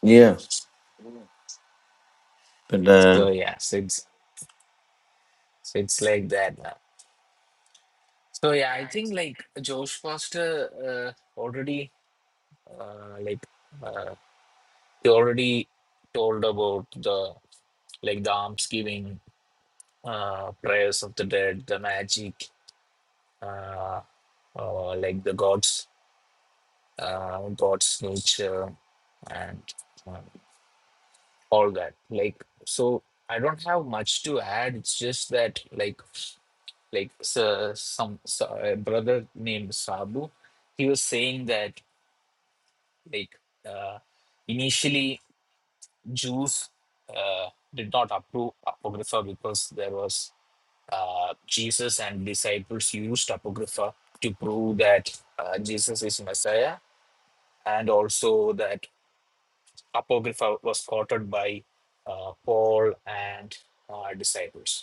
S2: Yeah, but uh,
S4: So yeah, so it's so it's like that now. So yeah, I think like Josh Foster uh, already uh, like uh, he already told about the like the alms giving, uh, prayers of the dead, the magic, uh, uh, like the gods, uh, God's nature, and uh, all that like so i don't have much to add it's just that like like so, some so, a brother named sabu he was saying that like uh, initially jews uh, did not approve apocrypha because there was uh, jesus and disciples used apocrypha to prove that uh, jesus is messiah and also that apocrypha was quoted by uh, paul and uh, disciples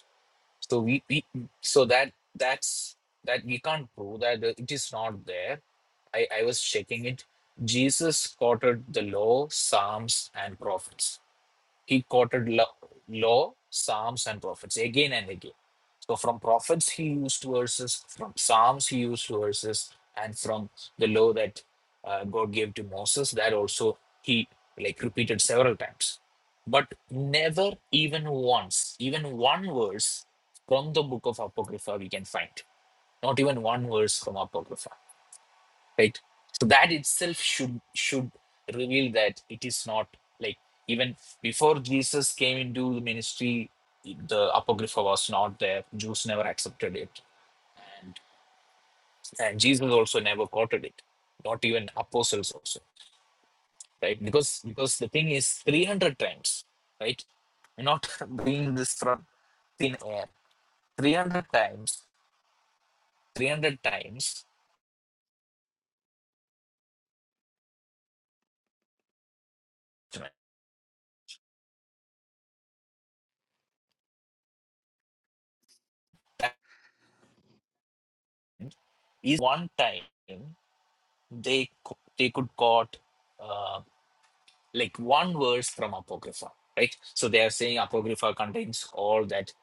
S4: so we, we so that that's that we can't prove that uh, it is not there i i was checking it jesus quoted the law psalms and prophets he quoted law, law, Psalms, and prophets again and again. So from prophets he used verses, from Psalms he used verses, and from the law that uh, God gave to Moses, that also he like repeated several times. But never even once, even one verse from the book of Apocrypha we can find. Not even one verse from Apocrypha right so that itself should should reveal that it is not like even before jesus came into the ministry the apocrypha was not there jews never accepted it and and jesus also never quoted it not even apostles also right because because the thing is 300 times right We're not bringing this from thin air 300 times 300 times that is one time they co- they could quote uh, like one verse from apocrypha right so they are saying apocrypha contains all that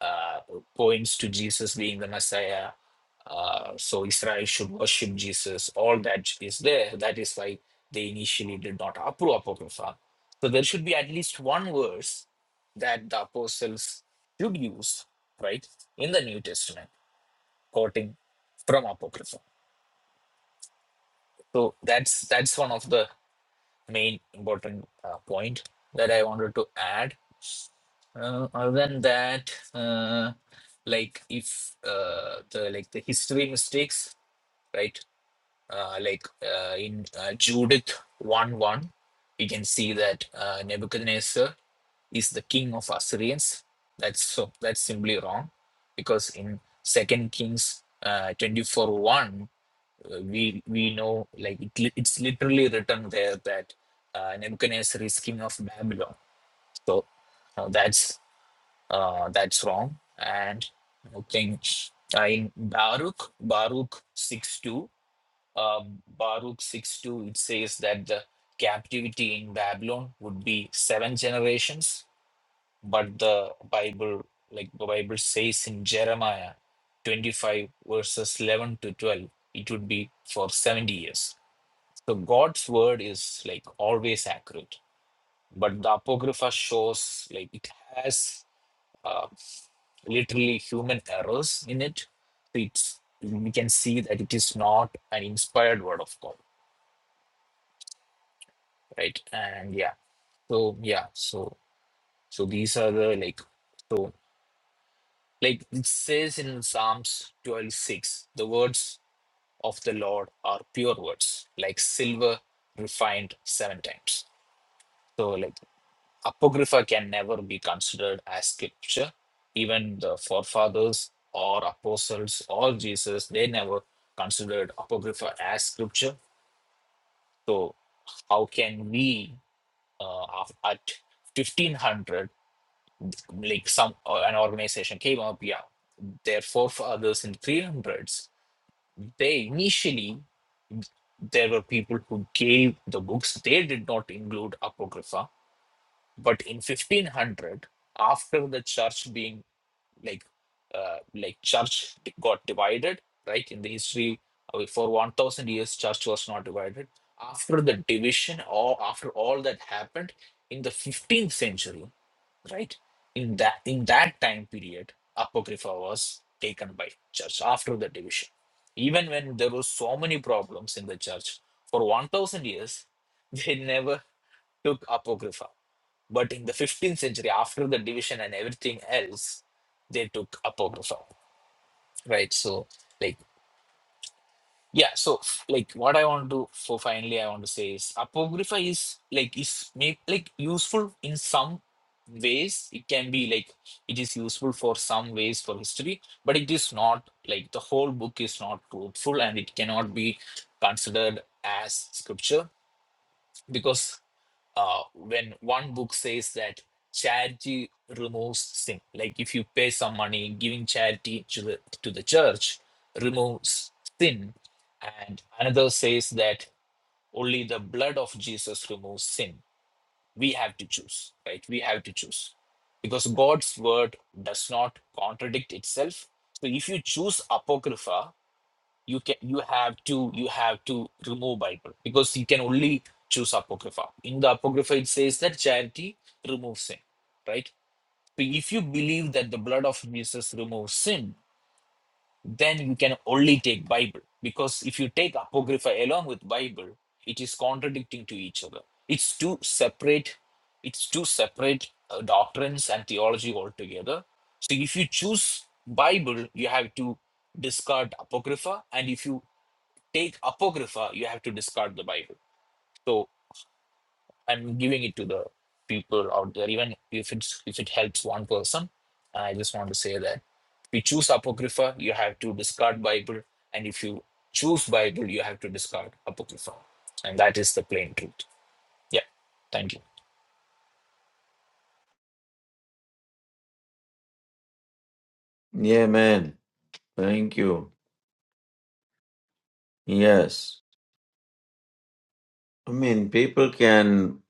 S4: uh, points to jesus being the messiah uh, so israel should worship jesus all that is there that is why they initially did not approve apocrypha so there should be at least one verse that the apostles should use right in the new testament quoting from apocrypha so that's that's one of the main important uh, point that I wanted to add. Uh, other than that, uh, like if uh, the like the history mistakes, right? Uh, like uh, in uh, Judith one one, we can see that uh, Nebuchadnezzar is the king of Assyrians. That's so that's simply wrong, because in Second Kings uh, twenty four one uh, we we know like it, li- it's literally written there that uh, Nebuchadnezzar is king of Babylon. So uh, that's uh, that's wrong. And I think uh, in Baruch Baruch six two uh, Baruch six two it says that the captivity in Babylon would be seven generations, but the Bible like the Bible says in Jeremiah twenty five verses eleven to twelve it would be for seventy years so God's word is like always accurate, but the Apocrypha shows like it has uh, literally human errors in it. It's we can see that it is not an inspired word of God, right? And yeah, so yeah, so so these are the like so like it says in Psalms twelve six, the words of the Lord are pure words, like silver refined seven times. So like. Apocrypha can never be considered as scripture. Even the forefathers or apostles or Jesus, they never considered Apocrypha as scripture. So, how can we, uh, af- at 1500, like some uh, an organization came up, yeah, their forefathers in 300s, they initially there were people who gave the books, they did not include Apocrypha but in 1500 after the church being like uh, like church got divided right in the history uh, for 1000 years church was not divided after the division or after all that happened in the 15th century right in that in that time period apocrypha was taken by church after the division even when there were so many problems in the church for 1000 years they never took apocrypha but in the 15th century, after the division and everything else, they took Apocrypha, right? So, like, yeah, so f- like what I want to for finally I want to say is Apocrypha is like is make like useful in some ways. It can be like it is useful for some ways for history, but it is not like the whole book is not truthful and it cannot be considered as scripture because uh, when one book says that charity removes sin like if you pay some money giving charity to the, to the church removes sin and another says that only the blood of jesus removes sin we have to choose right we have to choose because god's word does not contradict itself so if you choose apocrypha you can you have to you have to remove bible because you can only choose apocrypha in the apocrypha it says that charity removes sin right so if you believe that the blood of jesus removes sin then you can only take bible because if you take apocrypha along with bible it is contradicting to each other it's two separate it's two separate uh, doctrines and theology altogether so if you choose bible you have to discard apocrypha and if you take apocrypha you have to discard the bible so i'm giving it to the people out there even if it's if it helps one person i just want to say that if you choose apocrypha you have to discard bible and if you choose bible you have to discard apocrypha and that is the plain truth yeah thank you
S2: yeah, man. Thank you. Yes, I mean people can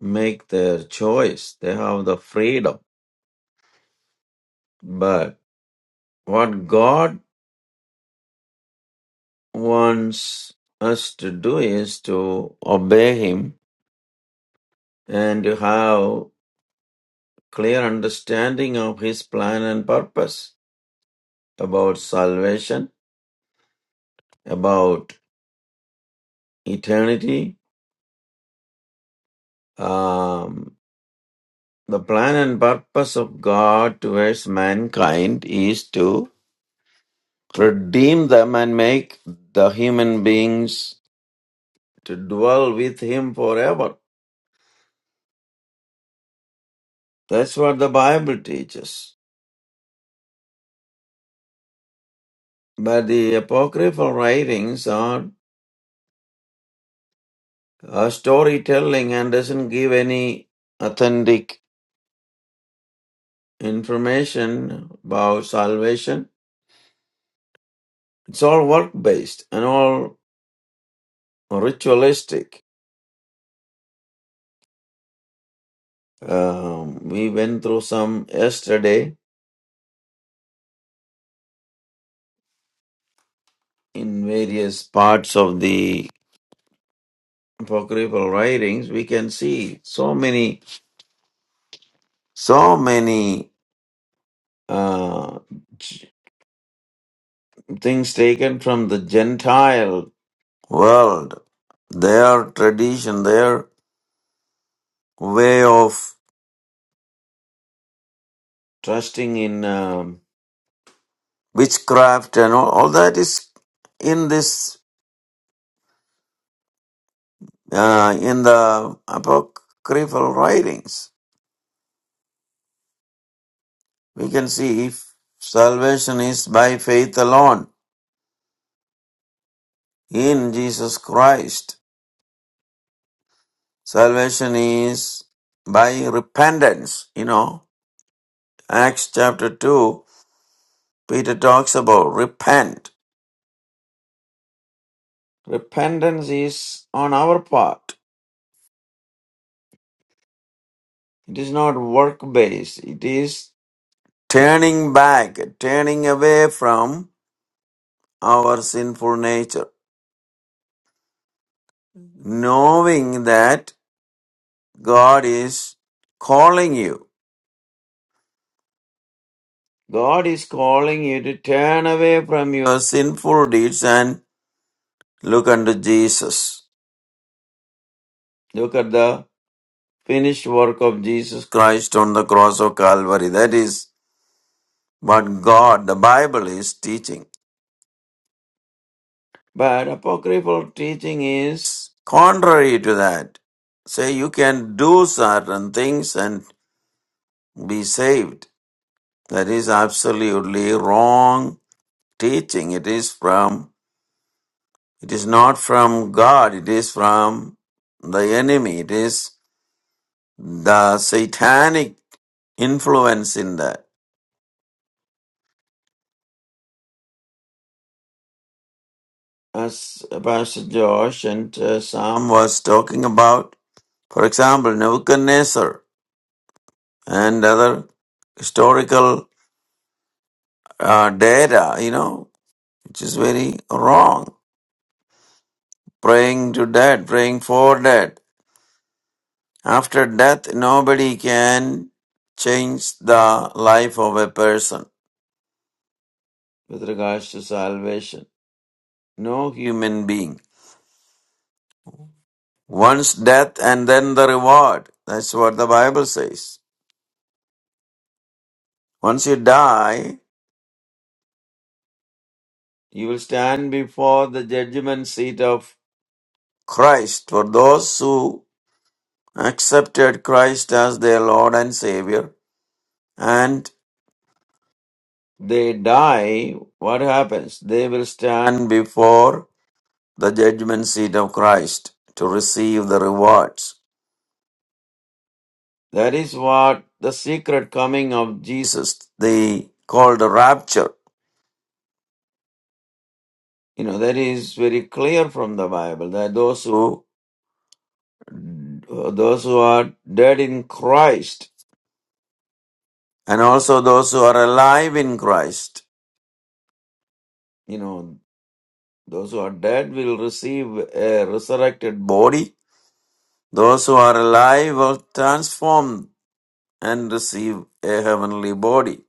S2: make their choice. They have the freedom, but what God wants us to do is to obey Him and to have clear understanding of His plan and purpose about salvation, about eternity, um, the plan and purpose of God towards mankind is to redeem them and make the human beings to dwell with Him forever. That's what the Bible teaches. But the apocryphal writings are uh, storytelling and doesn't give any authentic information about salvation. It's all work based and all ritualistic. Um, we went through some yesterday in various parts of the apocryphal writings. We can see so many, so many uh, ch- things taken from the Gentile world, their tradition, their way of trusting in um, witchcraft and all, all that is in this uh, in the apocryphal writings we can see if salvation is by faith alone in jesus christ salvation is by repentance you know acts chapter 2 peter talks about repent repentance is on our part it is not work based it is turning back, turning away from our sinful nature, knowing that God is calling you. God is calling you to turn away from your sinful deeds and look unto Jesus. Look at the finished work of Jesus Christ on the cross of Calvary. That is what God, the Bible, is teaching. But apocryphal teaching is contrary to that. Say you can do certain things and be saved. That is absolutely wrong teaching. It is from, it is not from God. It is from the enemy. It is the satanic influence in that. As Pastor Josh and uh, Sam was talking about, for example, Nebuchadnezzar. and other historical uh, data, you know, which is very wrong. Praying to death, praying for death. After death, nobody can change the life of a person with regards to salvation. No human being. Once death and then the reward. That's what the Bible says. Once you die, you will stand before the judgment seat of Christ for those who accepted Christ as their Lord and Savior, and they die, what happens? They will stand before the judgment seat of Christ to receive the rewards. That is what the secret coming of Jesus, they call the rapture. You know, that is very clear from the Bible that those who those who are dead in Christ and also those who are alive in Christ. You know, Those who are dead will receive a resurrected body. Those who are alive will transform and receive a heavenly body.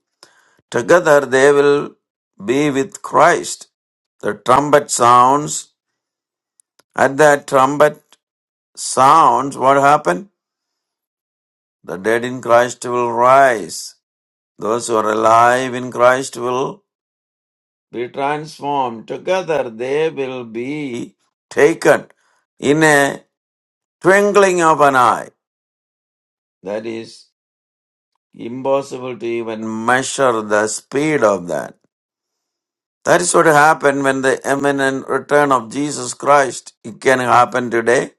S2: Together they will be with Christ. The trumpet sounds. At that trumpet sounds, what happened? The dead in Christ will rise. Those who are alive in Christ will be transformed. Together they will be taken in a twinkling of an eye. That is impossible to even measure the speed of that. That is what happened when the imminent return of Jesus Christ. It can happen today,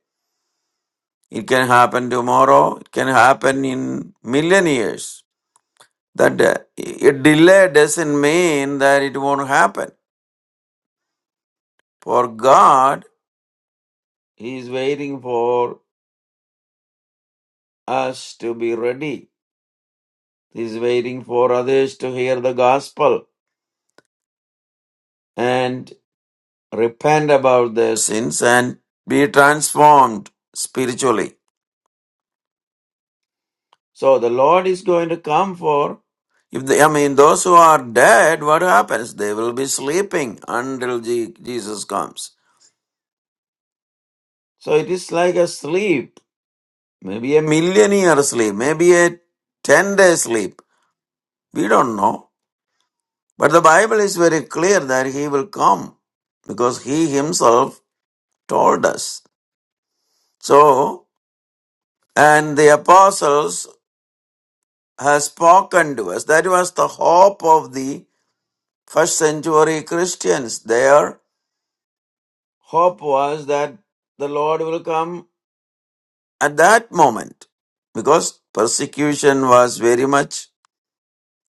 S2: it can happen tomorrow, it can happen in million years. That uh, a delay doesn't mean that it won't happen. For God, He is waiting for us to be ready. He is waiting for others to hear the gospel. and. repent about their sins and be transformed spiritually. So the Lord is going to come for if they, I mean those who are dead, what happens? They will be sleeping until Je- Jesus comes. So it is like a sleep, maybe a million year sleep, maybe a ten day sleep. We don't know. But the Bible is very clear that he will come because he himself told us. So, and the apostles has spoken to us. That was the hope of the first century Christians. Their hope was that the Lord will come at that moment because persecution was very much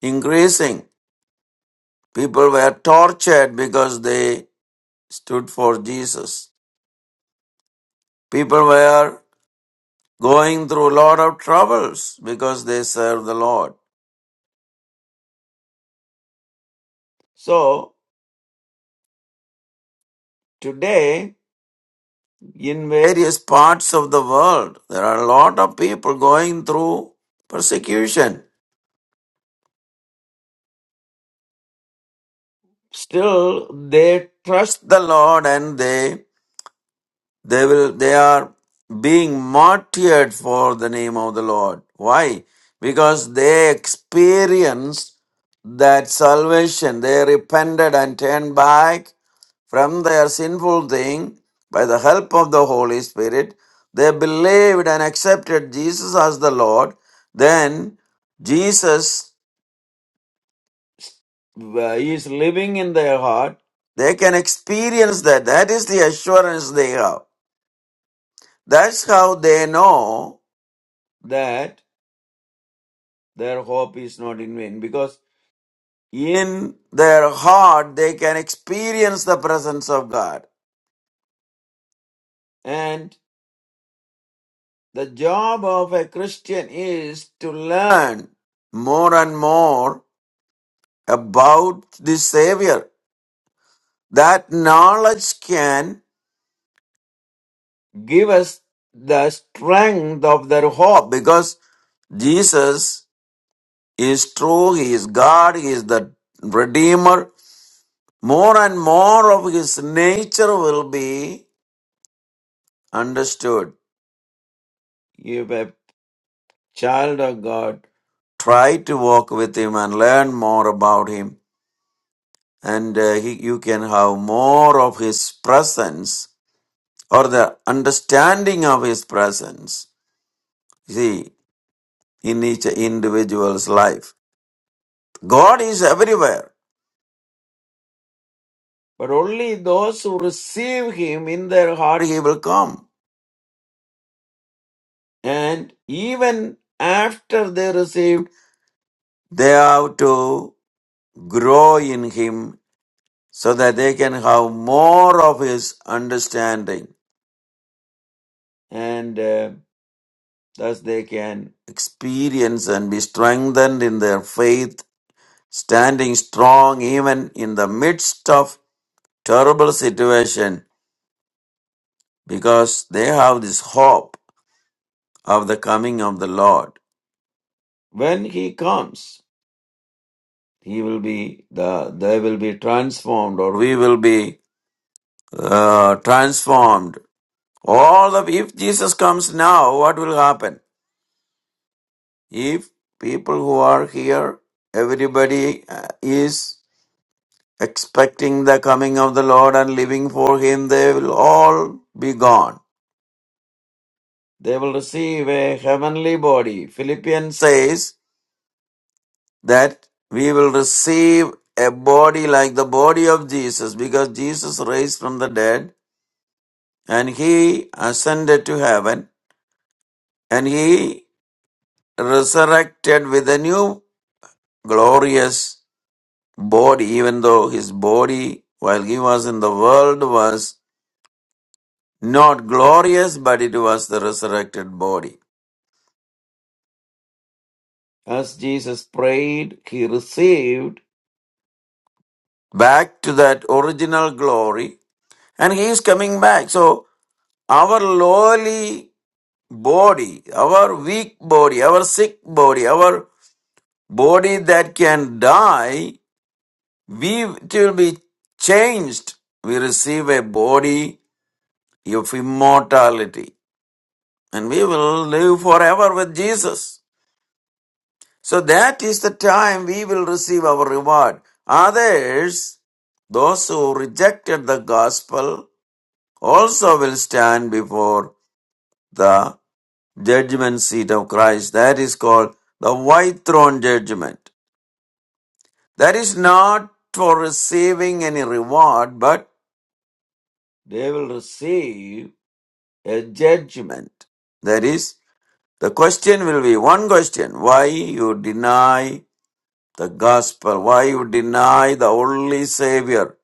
S2: increasing. People were tortured because they stood for Jesus. People were going through a lot of troubles because they served the Lord. So today in various parts of the world. There are a lot of people going through persecution. Still, they trust the Lord and they, they will, they are being martyred for the name of the Lord. Why? Because they experienced that salvation. They repented and turned back from their sinful thing by the help of the Holy Spirit. They believed and accepted Jesus as the Lord. Then Jesus uh, is living in their heart. They can experience that. That is the assurance they have. That's how they know that their hope is not in vain because in their heart they can experience the presence of God. and. The job of a Christian is to learn more and more about the Savior. That knowledge can give us the strength of their hope because Jesus is true, He is God, He is the Redeemer. More and more of His nature will be understood. If a child of God try to walk with Him and learn more about Him, and uh, he, you can have more of his presence or the understanding of his presence see in each individual's life god is everywhere but only those who receive him in their heart he will come and even after they received they have to grow in him so that they can have more of his understanding and uh, Thus, they can experience and be strengthened in their faith, standing strong even in the midst of terrible situation, because they have this hope of the coming of the Lord. When He comes, He will be the they will be transformed, or we will be uh, transformed. All the if Jesus comes now, what will happen? If people who are here, everybody uh, is expecting the coming of the Lord and living for Him, they will all be gone. They will receive a heavenly body. Philippians says that we will receive a body like the body of Jesus because Jesus raised from the dead and He ascended to heaven and He resurrected with a new glorious body, even though His body while He was in the world was Not glorious, but it was the resurrected body. As Jesus prayed, he received. back to that original glory and he is coming back so our lowly body our weak body our sick body our body that can die we it will be changed we receive a body of immortality and we will live forever with jesus So that is the time we will receive our reward. Others, those who rejected the gospel, also will stand before the judgment seat of Christ. That is called the white throne judgment. That is not for receiving any reward, but they will receive a judgment. That is, the question will be one question why you deny the gospel. Why you deny the only Savior,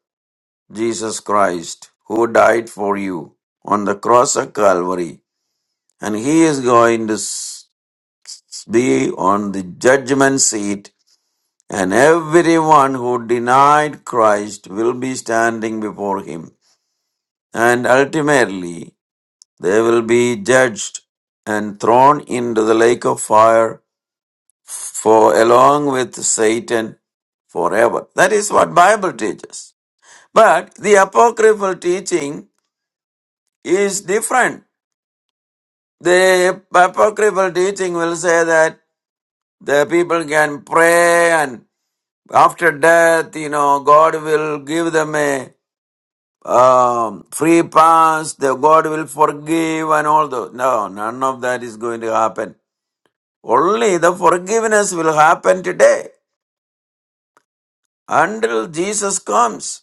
S2: Jesus Christ, who died for you on the cross of Calvary? And He is going to s- s- be on the judgment seat, and everyone who denied Christ will be standing before Him. And ultimately, they will be judged and thrown into the lake of fire for along with Satan forever. That is what Bible teaches. But the apocryphal teaching is different. The apocryphal teaching will say that the people can pray and after death, you know, God will give them a um, free pass, the God will forgive and all those. No, none of that is going to happen. Only the forgiveness will happen today until Jesus comes.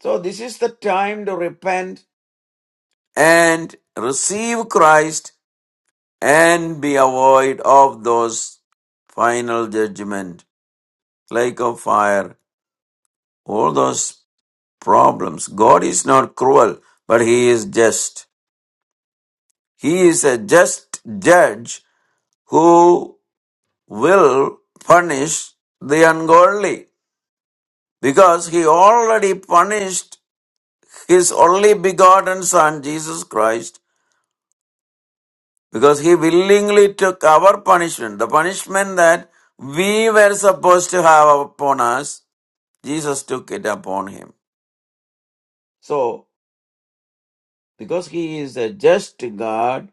S2: So this is the time to repent and receive Christ and be avoid of those final judgment, lake of fire, all those problems. God is not cruel, but He is just. He is a just judge who will punish the ungodly because He already punished His only begotten Son, Jesus Christ, because He willingly took our punishment, the punishment that we were supposed to have upon us Jesus took it upon him. So, because he is a just God,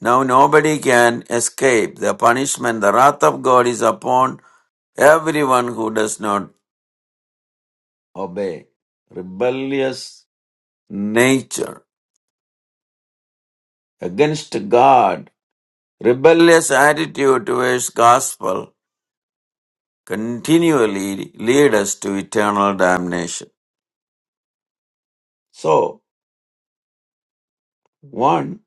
S2: now nobody can escape. The punishment, the wrath of God is upon everyone who does not obey. Rebellious nature against God, rebellious attitude towards gospel continually lead us to eternal damnation. So, one,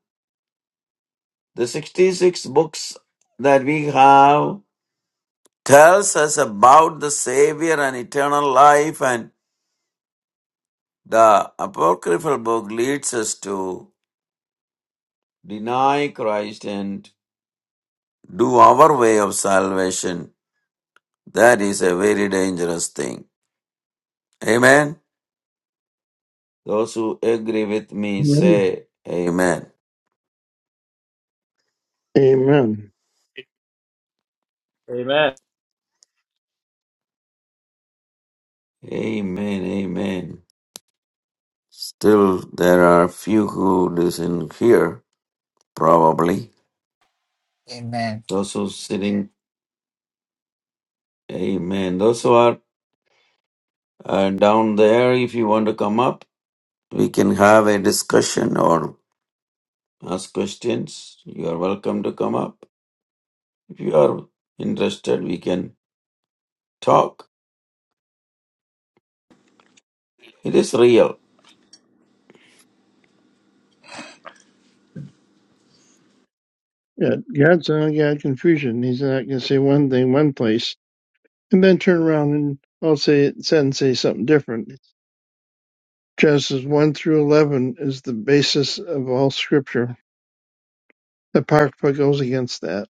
S2: the 66 books that we have tells us about the Savior and eternal life, and the Apocryphal book leads us to deny Christ and do our way of salvation. That is a very dangerous thing. Amen. Those who agree with me
S6: Amen.
S2: say, Amen.
S6: Amen.
S3: Amen.
S2: Amen. Amen. Still, there are few who listen here, probably.
S4: Amen.
S2: Those who sitting, Amen. Those who are uh, down there, if you want to come up, We can have a discussion or ask questions. You are welcome to come up. If you are interested, we can talk. It is real.
S6: Yeah, God's not God confusion. He's not going to say one thing one place and then turn around and all say it said and say something different. Genesis one through eleven is the basis of all Scripture. Apocrypha goes against that.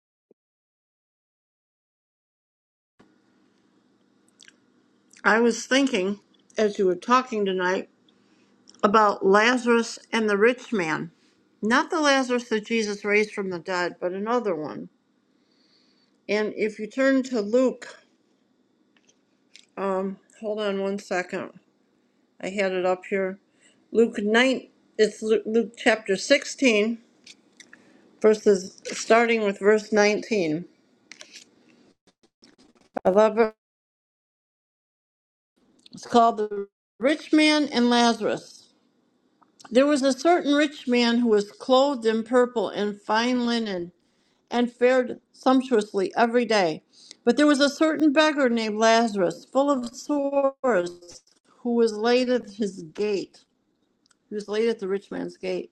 S7: I was thinking as you were talking tonight about Lazarus and the rich man. Not the Lazarus that Jesus raised from the dead, but another one. And if you turn to Luke, um, hold on one second. I had it up here. Luke 9, it's Lu- Luke chapter 16, verses starting with verse 19. I love it. It's called The Rich Man and Lazarus. There was a certain rich man who was clothed in purple and fine linen and fared sumptuously every day. But there was a certain beggar named Lazarus, full of sores, who was laid at his gate, who was laid at the rich man's gate,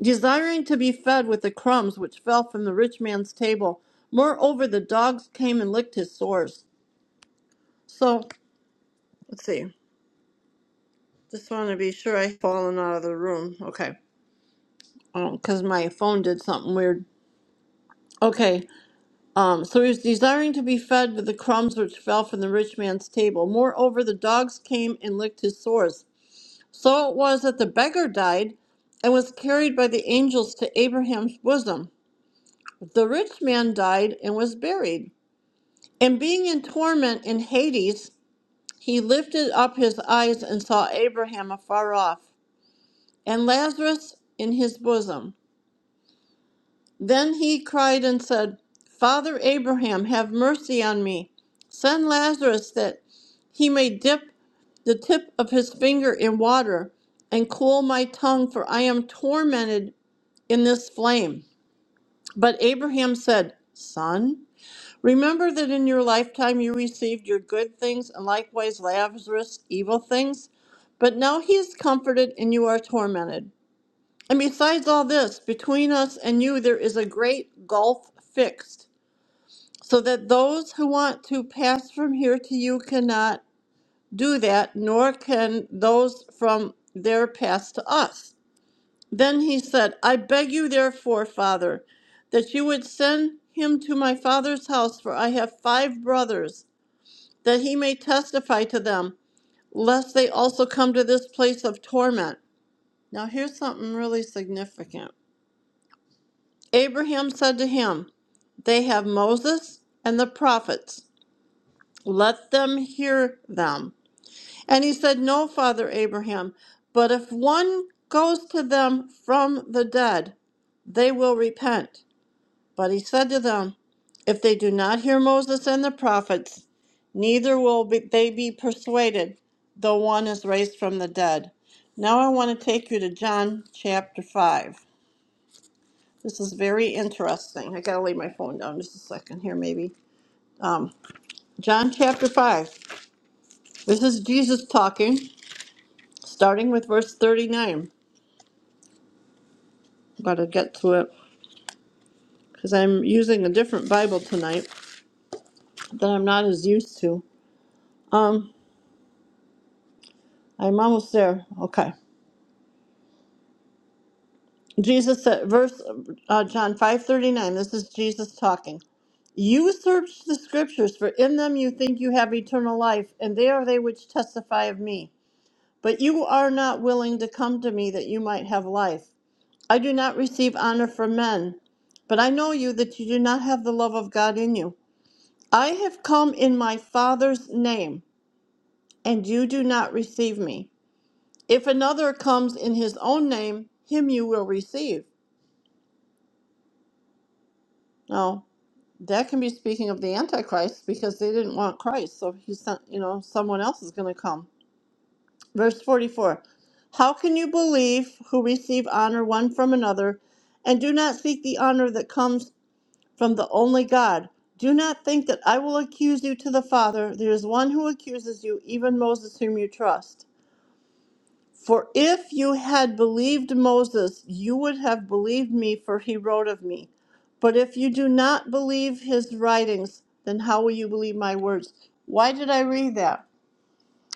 S7: desiring to be fed with the crumbs which fell from the rich man's table. Moreover, the dogs came and licked his sores. So, let's see. Just want to be sure I've fallen out of the room. Okay. Oh, Because my phone did something weird. Okay. Um, so he was desiring to be fed with the crumbs which fell from the rich man's table. Moreover, the dogs came and licked his sores. So it was that the beggar died and was carried by the angels to Abraham's bosom. The rich man died and was buried. And being in torment in Hades, he lifted up his eyes and saw Abraham afar off, and Lazarus in his bosom. Then he cried and said, Father Abraham, have mercy on me. Send Lazarus that he may dip the tip of his finger in water and cool my tongue, for I am tormented in this flame. But Abraham said, Son, remember that in your lifetime you received your good things, and likewise Lazarus evil things. But now he is comforted and you are tormented. And besides all this, between us and you there is a great gulf fixed, so that those who want to pass from here to you cannot do that, nor can those from there pass to us. Then he said, I beg you, therefore, Father, that you would send him to my father's house, for I have five brothers, that he may testify to them, lest they also come to this place of torment. Now, here's something really significant. Abraham said to him, They have Moses and the prophets. Let them hear them. And he said, No, Father Abraham, but if one goes to them from the dead, they will repent. But he said to them, If they do not hear Moses and the prophets, neither will be, they be persuaded, though one is raised from the dead. Now I want to take you to John chapter 5. This is very interesting. I gotta lay my phone down just a second here, maybe. Um, John chapter 5. This is Jesus talking, starting with verse 39. Gotta get to it because I'm using a different Bible tonight that I'm not as used to. Um, I'm almost there. Okay. Jesus said, verse uh, John 5:39. This is Jesus talking. You search the scriptures, for in them you think you have eternal life, and they are they which testify of me. But you are not willing to come to me that you might have life. I do not receive honor from men, but I know you that you do not have the love of God in you. I have come in my Father's name, and you do not receive me. If another comes in his own name, him you will receive. Now, that can be speaking of the Antichrist because they didn't want Christ, so he sent, you know, someone else is going to come. Verse 44 How can you believe who receive honor one from another and do not seek the honor that comes from the only God? Do not think that I will accuse you to the Father. There is one who accuses you, even Moses, whom you trust. For if you had believed Moses, you would have believed me, for he wrote of me. But if you do not believe his writings, then how will you believe my words? Why did I read that?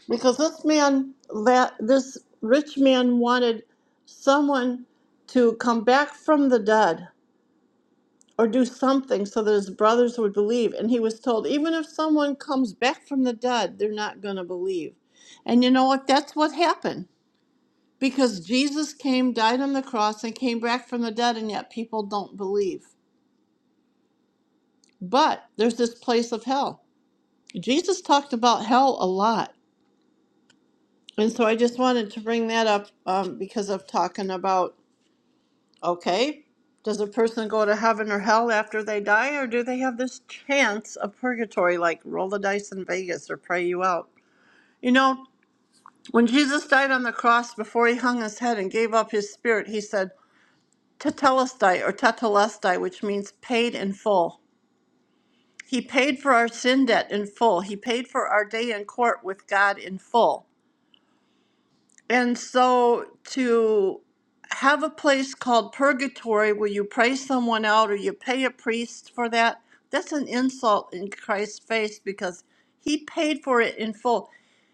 S7: because this man that this rich man wanted someone to come back from the dead or do something so that his brothers would believe and he was told even if someone comes back from the dead they're not going to believe and you know what that's what happened because Jesus came died on the cross and came back from the dead and yet people don't believe but there's this place of hell Jesus talked about hell a lot and so I just wanted to bring that up um, because of talking about Okay. Does a person go to heaven or hell after they die, or do they have this chance of purgatory, like roll the dice in Vegas or pray you out? You know, when Jesus died on the cross before he hung his head and gave up his spirit, he said, Tetelestai or Tetelestai, which means paid in full. He paid for our sin debt in full. He paid for our day in court with God in full. And so to have a place called purgatory where you pray someone out or you pay a priest for that, that's an insult in Christ's face because he paid for it in full.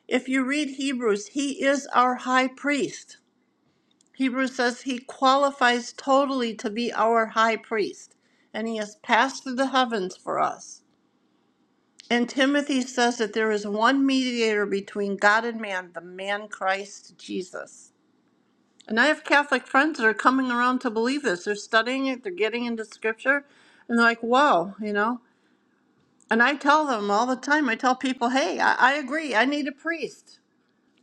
S7: If you read Hebrews, he is our high priest. Hebrews says he qualifies totally to be our high priest, and he has passed through the heavens for us. And Timothy says that there is one mediator between God and man, the man Christ Jesus. And I have Catholic friends that are coming around to believe this. They're studying it, they're getting into scripture, and they're like, whoa, you know? And I tell them all the time, I tell people, hey, I, I agree, I need a priest.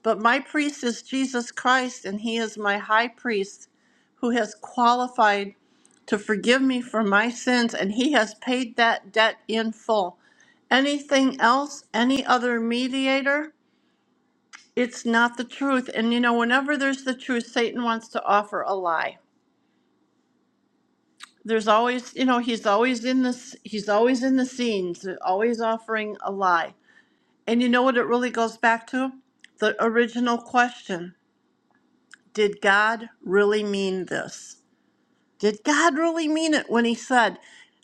S7: But my priest is Jesus Christ, and he is my high priest who has qualified to forgive me for my sins, and he has paid that debt in full. Anything else, any other mediator, it's not the truth. And you know, whenever there's the truth, Satan wants to offer a lie. there's always you know he's always in this he's always in the scenes always offering a lie and you know what it really goes back to the original question did god really mean this did god really mean it when he said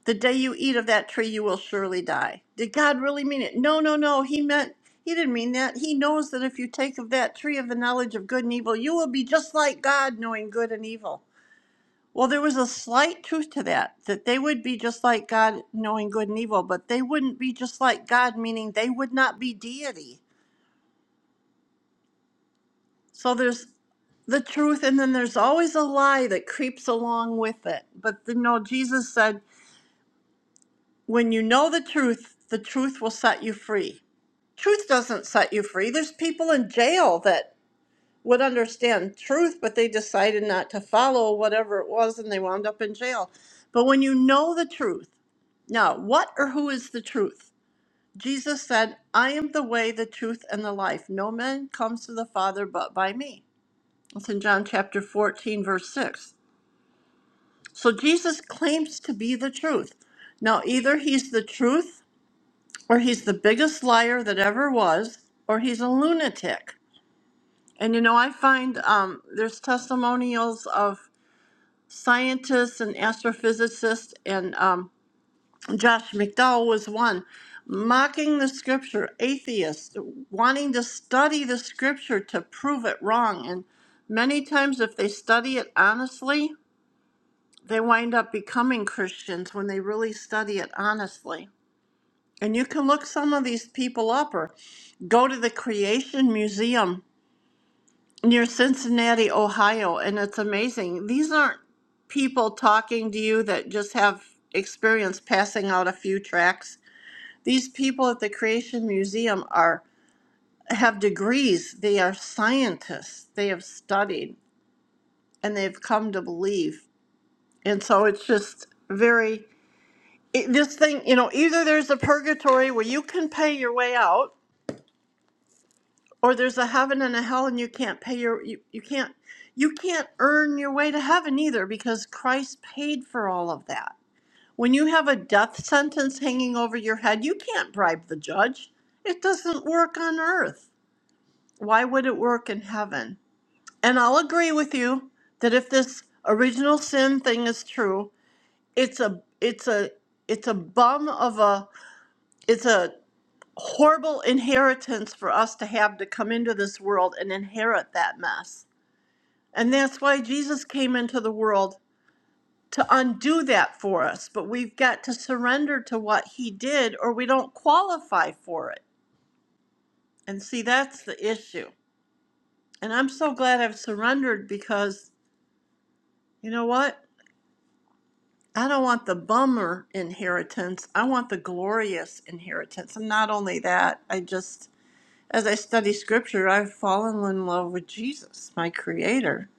S7: the day you eat of that tree you will surely die did god really mean it no no no he meant he didn't mean that he knows that if you take of that tree of the knowledge of good and evil you will be just like god knowing good and evil well, there was a slight truth to that, that they would be just like God, knowing good and evil, but they wouldn't be just like God, meaning they would not be deity. So there's the truth, and then there's always a lie that creeps along with it. But the, no, Jesus said, when you know the truth, the truth will set you free. Truth doesn't set you free. There's people in jail that would understand truth, but they decided not to follow whatever it was and they wound up in jail. But when you know the truth, now what or who is the truth? Jesus said, I am the way, the truth, and the life. No man comes to the Father but by me. It's in John chapter 14, verse 6. So Jesus claims to be the truth. Now, either he's the truth, or he's the biggest liar that ever was, or he's a lunatic. And you know, I find um, there's testimonials of scientists and astrophysicists, and um, Josh McDowell was one, mocking the scripture, atheists, wanting to study the scripture to prove it wrong. And many times, if they study it honestly, they wind up becoming Christians when they really study it honestly. And you can look some of these people up or go to the Creation Museum near Cincinnati, Ohio, and it's amazing. These aren't people talking to you that just have experience passing out a few tracts. These people at the Creation Museum are have degrees. They are scientists. They have studied and they've come to believe. And so it's just very it, this thing, you know, either there's a purgatory where you can pay your way out or there's a heaven and a hell and you can't pay your you, you can't you can't earn your way to heaven either because Christ paid for all of that. When you have a death sentence hanging over your head, you can't bribe the judge. It doesn't work on earth. Why would it work in heaven? And I'll agree with you that if this original sin thing is true, it's a it's a it's a bum of a it's a horrible inheritance for us to have to come into this world and inherit that mess. And that's why Jesus came into the world to undo that for us. But we've got to surrender to what he did or we don't qualify for it. And see, that's the issue. And I'm so glad I've surrendered because you know what? I don't want the bummer inheritance. I want the glorious inheritance. And not only that, I just As I study scripture, I've fallen in love with Jesus, my creator.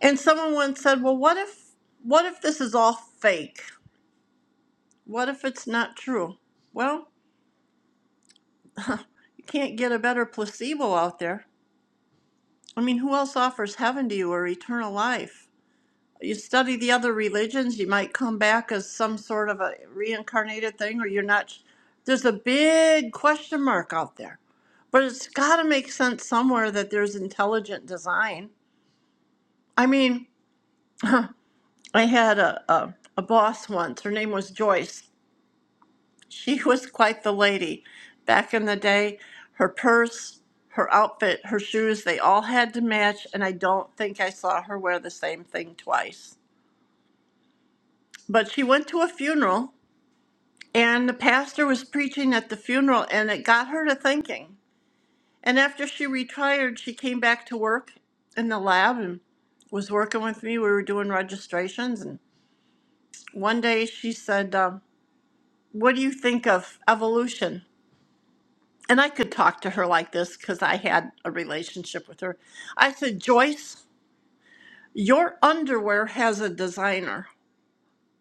S7: And someone once said, "Well, what if what if this is all fake? What if it's not true?" Well, you can't get a better placebo out there. I mean, who else offers heaven to you or eternal life? You study the other religions, you might come back as some sort of a reincarnated thing or you're not there's a big question mark out there. But it's got to make sense somewhere that there's intelligent design. I mean, I had a, a, a boss once. Her name was Joyce. She was quite the lady. Back in the day, her purse, her outfit, her shoes, they all had to match, and I don't think I saw her wear the same thing twice. But she went to a funeral, and the pastor was preaching at the funeral, and it got her to thinking. And after she retired, she came back to work in the lab and was working with me. We were doing registrations, and one day she said, um, what do you think of evolution? And I could talk to her like this because I had a relationship with her. I said, Joyce, your underwear has a designer,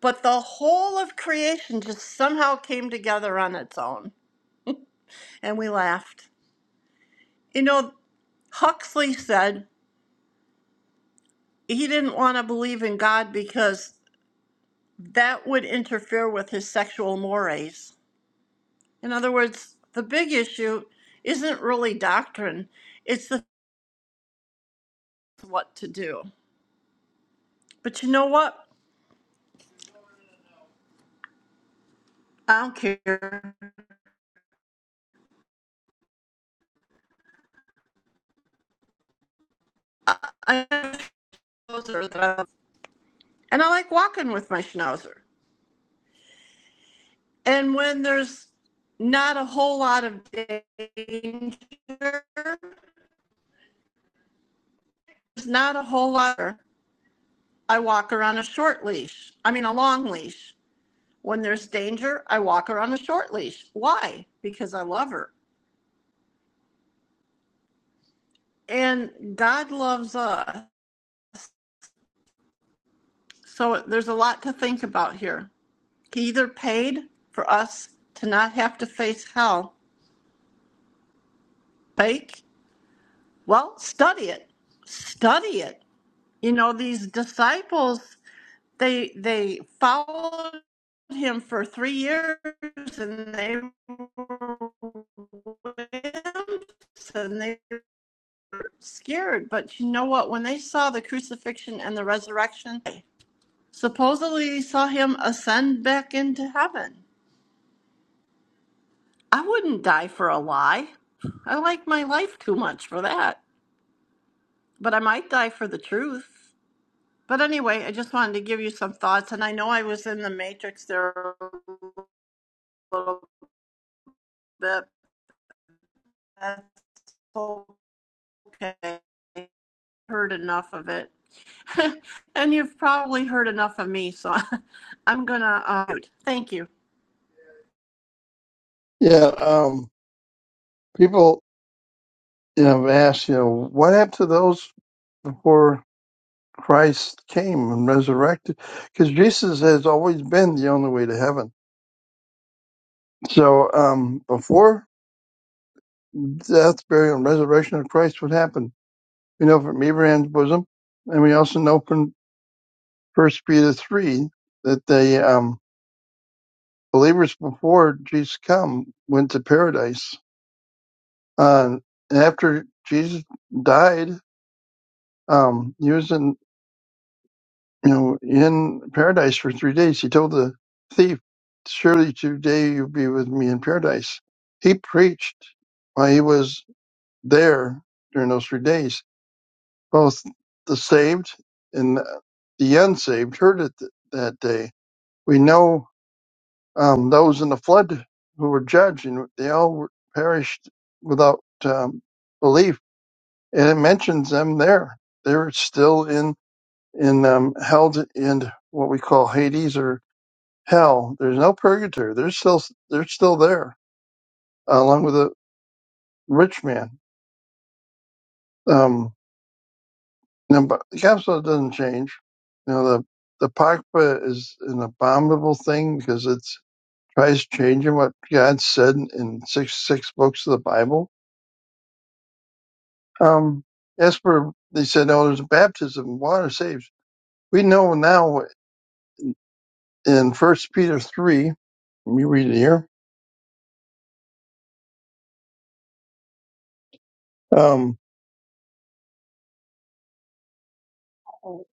S7: but the whole of creation just somehow came together on its own. And we laughed. You know, Huxley said he didn't want to believe in God because that would interfere with his sexual mores. In other words, the big issue isn't really doctrine, it's the what to do. But you know what? I don't care. I have a schnauzer that I love. And I like walking with my schnauzer. And when there's not a whole lot of danger, there's not a whole lot. I walk her on a short leash. I mean, a long leash. When there's danger, I walk her on a short leash. Why? Because I love her. And God loves us. So there's a lot to think about here. He either paid for us to not have to face hell fake? Well, study it. Study it. You know, these disciples, they they followed him for three years and they were wimps and they were scared. But you know what? When they saw the crucifixion and the resurrection, supposedly they saw him ascend back into heaven. I wouldn't die for a lie. I like my life too much for that. But I might die for the truth. But anyway, I just wanted to give you some thoughts. And I know I was in the matrix there a little bit. That's okay. I heard enough of it. and you've probably heard enough of me. So I'm going to. Uh, thank you.
S6: Yeah. Um. People, you know, have asked, you know, what happened to those before Christ came and resurrected? Because Jesus has always been the only way to heaven. So, um, before death, burial, and resurrection of Christ would happen. We know from Abraham's bosom, and we also know from First Peter three that the um, believers before Jesus come went to paradise. Uh, and after Jesus died, um, he was in you know in paradise for three days. He told the thief, "Surely today you'll be with me in paradise." He preached while he was there during those three days Both the saved and the unsaved heard it th- that day. We know um, those in the flood who were judged, and they all were- perished without um, belief. And it mentions them there. They're still in in um, held in what we call Hades or hell. There's no purgatory. They're still they're still there, along with the rich man. Um, No, but the capsule doesn't change. You know, the the pakpa is an abominable thing because it tries changing what God said in six six books of the Bible. Um, as for they said, oh, there's baptism, water saves. We know now in First Peter three, let me read it here. Um, we're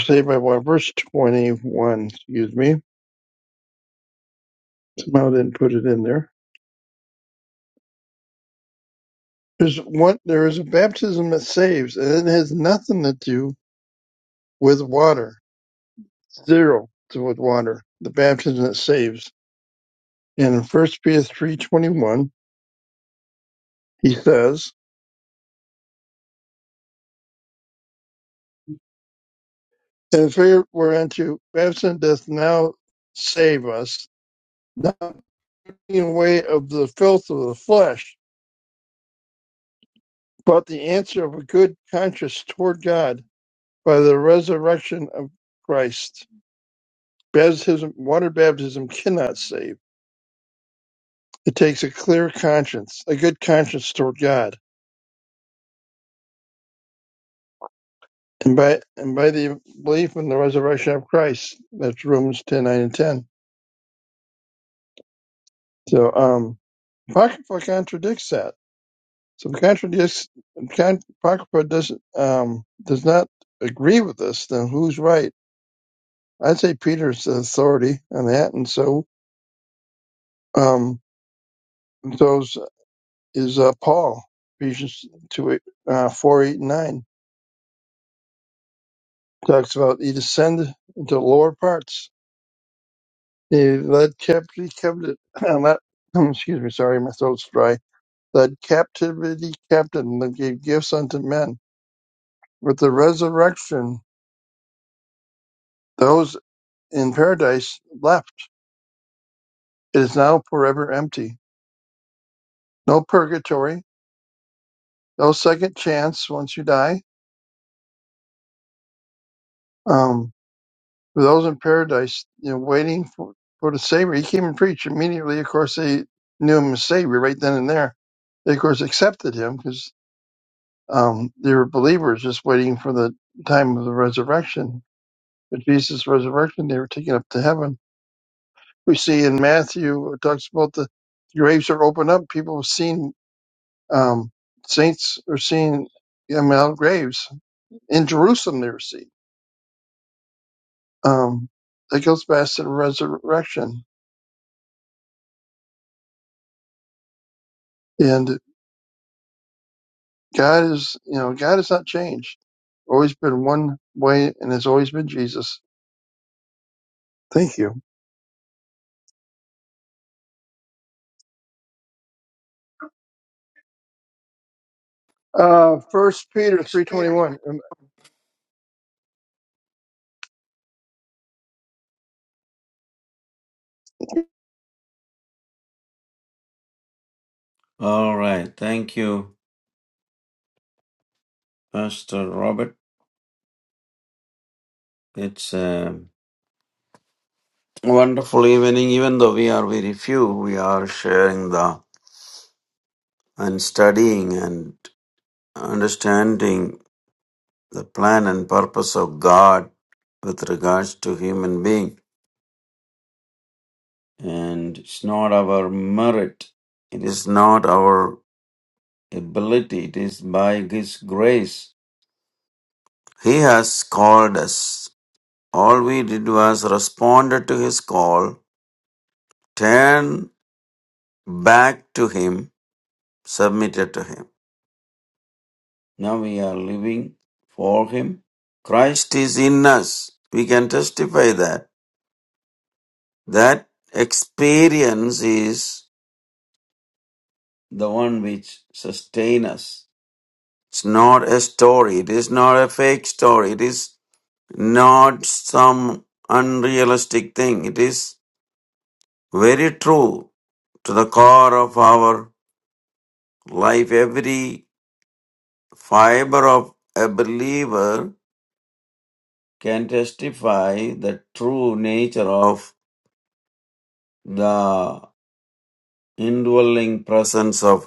S6: saved by water, verse twenty one. Excuse me, somehow I didn't put it in there. There's what there is a baptism that saves, and it has nothing to do with water zero to with water, the baptism that saves. And in 1 Peter 3.21, he says, And if we were unto baptism doth now save us, not taking away of the filth of the flesh, but the answer of a good conscience toward God by the resurrection of Christ. Baptism, water baptism cannot save. It takes a clear conscience, a good conscience toward God And by and by the belief in the resurrection of Christ. That's Romans ten nine and ten. So um Apocrypha contradicts that. So contradicts con- Apocrypha doesn't um does not agree with this, then who's right? I'd say Peter's the authority on that and so um those is uh, Paul, Ephesians two uh four eight and nine. Talks about he descended into lower parts. He led captivity covenant let- excuse me, sorry, my throat's dry that captivity captain that gave gifts unto men. With the resurrection, those in paradise left. It is now forever empty. No purgatory, no second chance once you die. Um, for those in paradise, you know, waiting for, for the Savior, he came and preached immediately. Of course, they knew him as Savior right then and there. They, of course, accepted him because um, they were believers just waiting for the time of the resurrection. But Jesus' resurrection, they were taken up to heaven we see in Matthew it talks about the graves are opened up. People have seen um, saints are seen um, out of graves in Jerusalem. They were seen. Um, that goes back to the resurrection, and God is you know God has not changed. Always been one way, and has always been Jesus. Thank you. Uh, First Peter three twenty one.
S2: All right. Thank you, Pastor Robert. It's a wonderful evening, even though we are very few, we are sharing the and studying. and. understanding the plan and purpose of God with regards to human being. And it's not our merit. It is not our ability. It is by His grace. He has called us. All we did was responded to His call, turned back to Him, submitted to Him. Now we are living for Him. Christ is in us. We can testify that. That experience is the one which sustains us. It's not a story. It is not a fake story. It is not some unrealistic thing. It is very true to the core of our life. Every fiber of a believer can testify the true nature of the indwelling presence of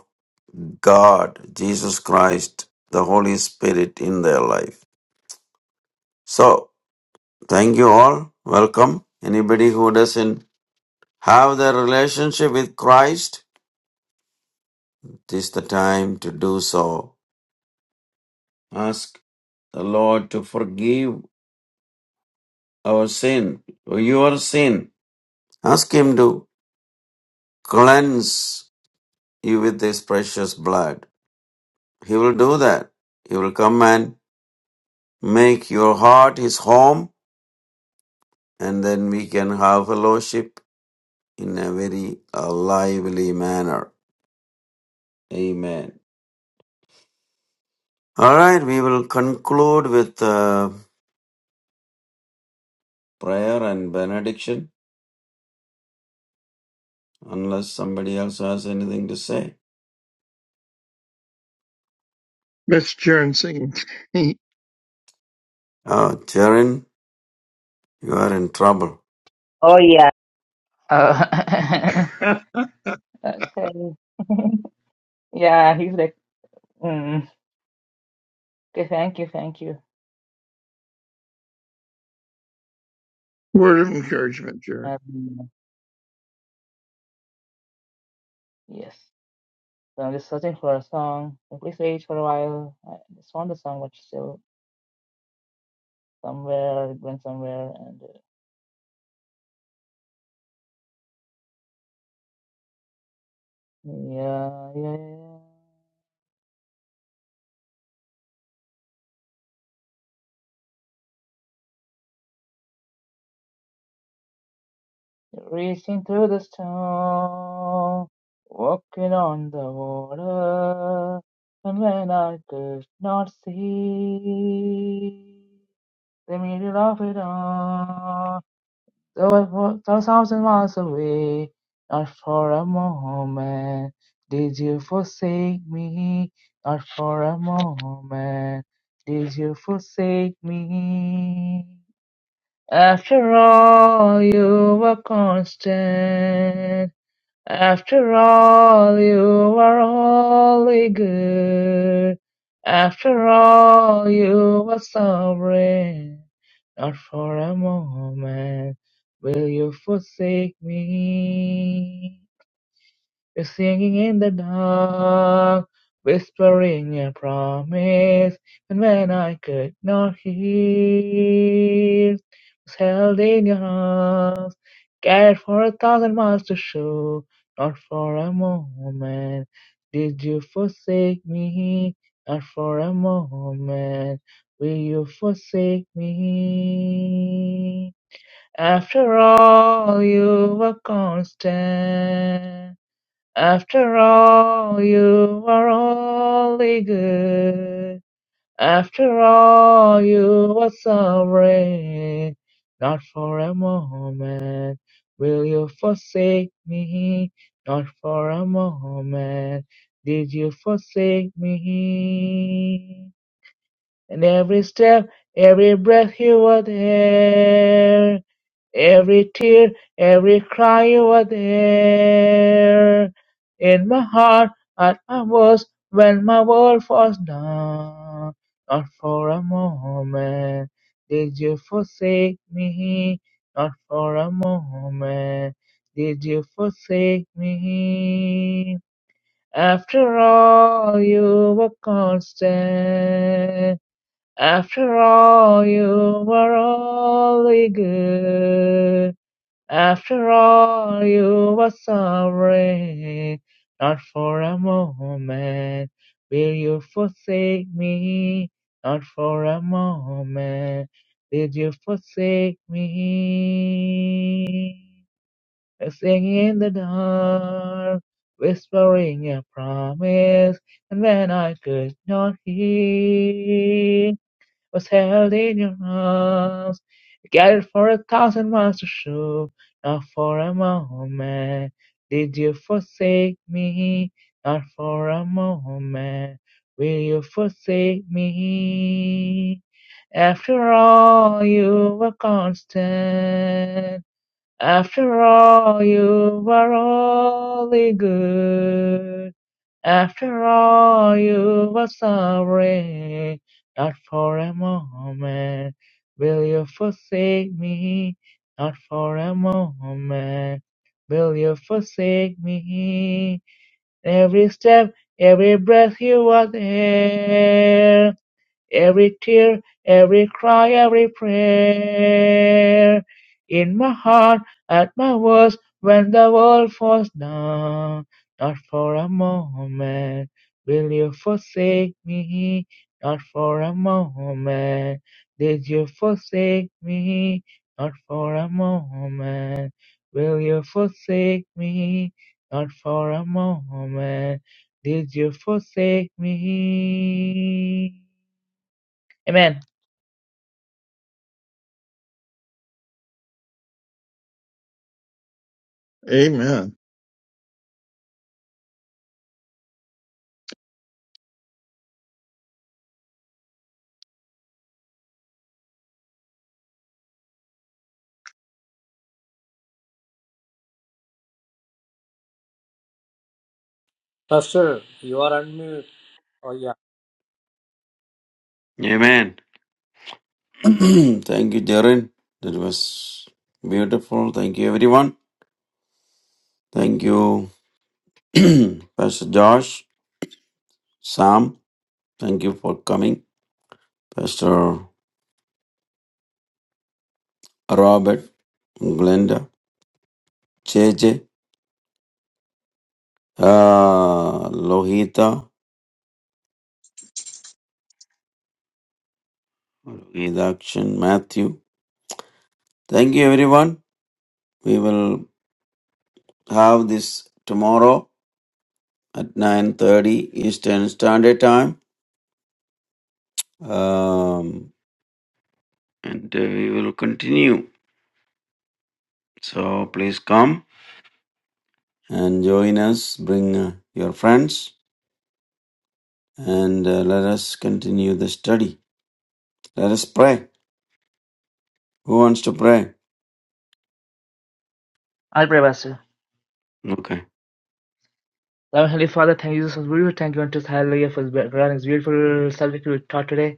S2: God, Jesus Christ, the Holy Spirit in their life. So, thank you all. Welcome. Anybody who doesn't have their relationship with Christ, it is the time to do so. Ask the Lord to forgive our sin, or your sin. Ask Him to cleanse you with His precious blood. He will do that. He will come and make your heart His home, and then we can have fellowship in a very uh, lively manner. Amen. All right, we will conclude with uh, prayer and benediction, unless somebody else has anything to say.
S6: Miss Jaren singing.
S2: Oh, Jaren, you are in trouble.
S1: Uh, okay. yeah, he's like, mm. okay, thank you, thank you.
S6: Word of encouragement, Jaren.
S1: Um, yes. So I'm just searching for a song. I play Sage for a while. I just found the song, but still somewhere, it went somewhere, and uh, yeah, yeah, yeah. Racing through the storm, walking on the water, and when I could not see the middle of it all, though it was a thousand miles away, not for a moment did you forsake me, not for a moment did you forsake me. After all, you were constant. After all, you were wholly good. After all, you were sovereign. Not for a moment will you forsake me. We're singing in the dark, whispering a promise. And when I could not hear, was held in your arms, carried for a thousand miles to show. Not for a moment did you forsake me. Not for a moment will you forsake me. After all, you were constant. After all, you are only good. After all, you were sovereign. Not for a moment will you forsake me. Not for a moment did you forsake me. And every step, every breath you were there. Every tear, every cry you were there. In my heart, at my worst, when my world was down. Not for a moment did you forsake me. Not for a moment did you forsake me. After all, you were constant. After all, you were only good. After all, you were sorry. Not for a moment will you forsake me. Not for a moment did you forsake me. Singing in the dark, whispering a promise, and when I could not hear was held in your arms. You cared for a thousand miles to show, not for a moment. Did you forsake me? Not for a moment. Will you forsake me? After all, you were constant. After all, you were only good. After all, you were sorry. Not for a moment will you forsake me. Not for a moment will you forsake me. Every step, every breath you are there. Every tear, every cry, every prayer in my heart, at my worst, when the world falls down. Not for a moment will you forsake me. Not for a moment did you forsake me. Not for a moment will you forsake me. Not for a moment did you forsake me. Amen.
S6: Amen.
S3: Pastor, you are unmute.
S2: Amen. Thank you, Jaren. That was beautiful. Thank you, everyone. Thank you, Pastor Josh, Sam. Thank you for coming, Pastor Robert, Glenda, JJ. uh, Lohita, Redaction, Matthew. Thank you, everyone. We will have this tomorrow at 9.30 Eastern Standard Time. Um, and uh, we will continue. So please come and join us. Bring uh, your friends and uh, let us continue the study. Let us pray. Who wants to pray?
S1: I'll pray, Pastor.
S2: Okay.
S1: Loving Heavenly Father, thank you, Jesus. We thank you unto us, hallelujah, for this beautiful subject we taught today.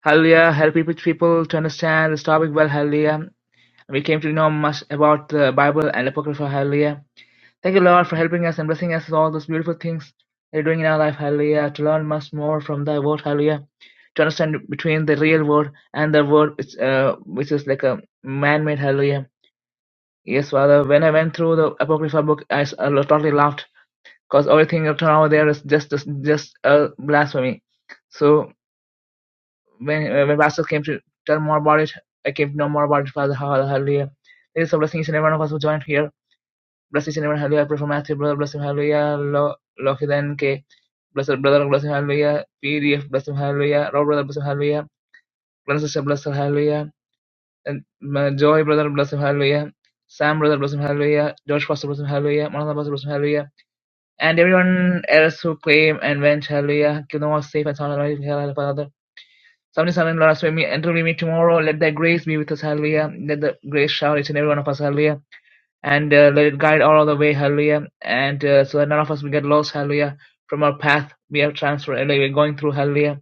S1: Hallelujah, help people, people to understand this topic well, hallelujah. We came to know much about the Bible and Apocrypha, hallelujah. Thank you, Lord, for helping us and blessing us with all those beautiful things that you're doing in our life, hallelujah, to learn much more from thy word, hallelujah, to understand between the real word and the word which, uh, which is like a man-made, hallelujah. Yes, Father, when I went through the Apocrypha book, I s- I totally laughed because everything up to now there is just just a blasphemy. So when uh, when pastor came to tell more about it, I came to know more about it. Father, hall- hallelujah. There is a blessing each and every one of us who joined here. Bless each and every one. Hallelujah. I pray for Matthew, brother. Bless him. Hallelujah. Lo- Lohid K. Bless her brother. Bless him. Hallelujah. PDF. Bless him. Hallelujah. Rob brother. Bless him. Hallelujah. Glenn sister. Bless her. Hallelujah. And uh, Joy brother. Bless him. Hallelujah. Sam brother. Bless him. Hallelujah. George pastor. Bless him. Hallelujah. Manasa pastor. Bless him. Hallelujah. and everyone else who came and went, Hallelujah, keep them all safe and sound, Hallelujah, Father. Somebody, son, and Lord, us, me, enter with me tomorrow. Let thy grace be with us, hallelujah. Let the grace shower each and every one of us, hallelujah. And uh, let it guide all the way, hallelujah. And uh, so that none of us will get lost, hallelujah, from our path we are transferred, hallelujah, we're going through, hallelujah.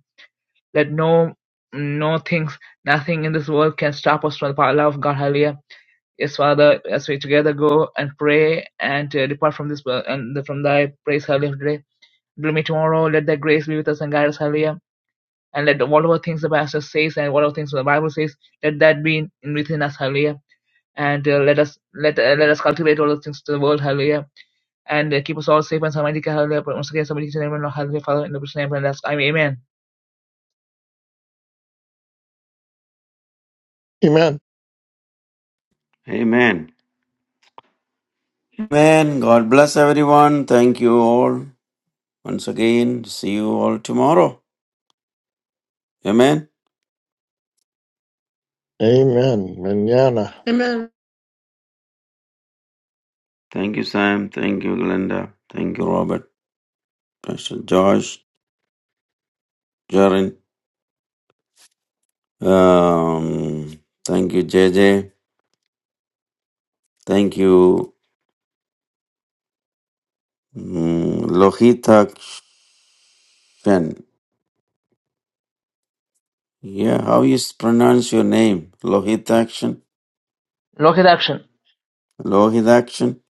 S1: Let no, no things, nothing in this world can stop us from the power love of God, hallelujah. Yes, Father, as we together go and pray and uh, depart from this, world and from thy praise, hallelujah, today gloomy tomorrow. Let that grace be with us and guide us, hallelujah. And let whatever things the pastor says and whatever things the Bible says, let that be in, within us, hallelujah. And uh, let us let uh, let us cultivate all those things to the world, hallelujah. And uh, keep us all safe and sound, hallelujah. But once again, somebody can name, hallelujah, Father, in the precious name, and that's I mean, amen.
S6: Amen.
S2: Amen. Amen. God bless everyone. Thank you all. Once again, see you all tomorrow. Amen.
S6: Amen. Manana.
S7: Amen.
S2: Thank you, Sam. Thank you, Glenda. Thank you, Robert. Pastor Josh, Jaren. Um, thank you, JJ. Thank you, mm, Lohitakshen. Yeah, how you s- pronounce your name? Lohitakshen?
S1: Look at action.
S2: Lohitakshen?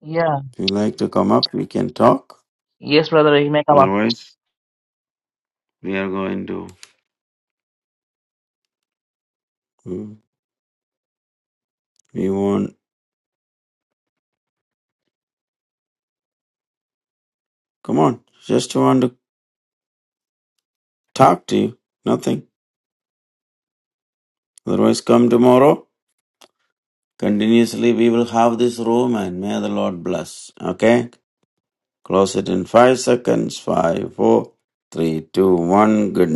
S1: Yeah.
S2: If you like to come up, we can talk.
S1: Yes, brother, you may come up.
S2: Otherwise, we are going to. Mm, We want. Come on. Just want to talk to you. Nothing. Otherwise, come tomorrow. Continuously, we will have this room and may the Lord bless. Okay? Close it in five seconds. Five, four, three, two, one. Good night.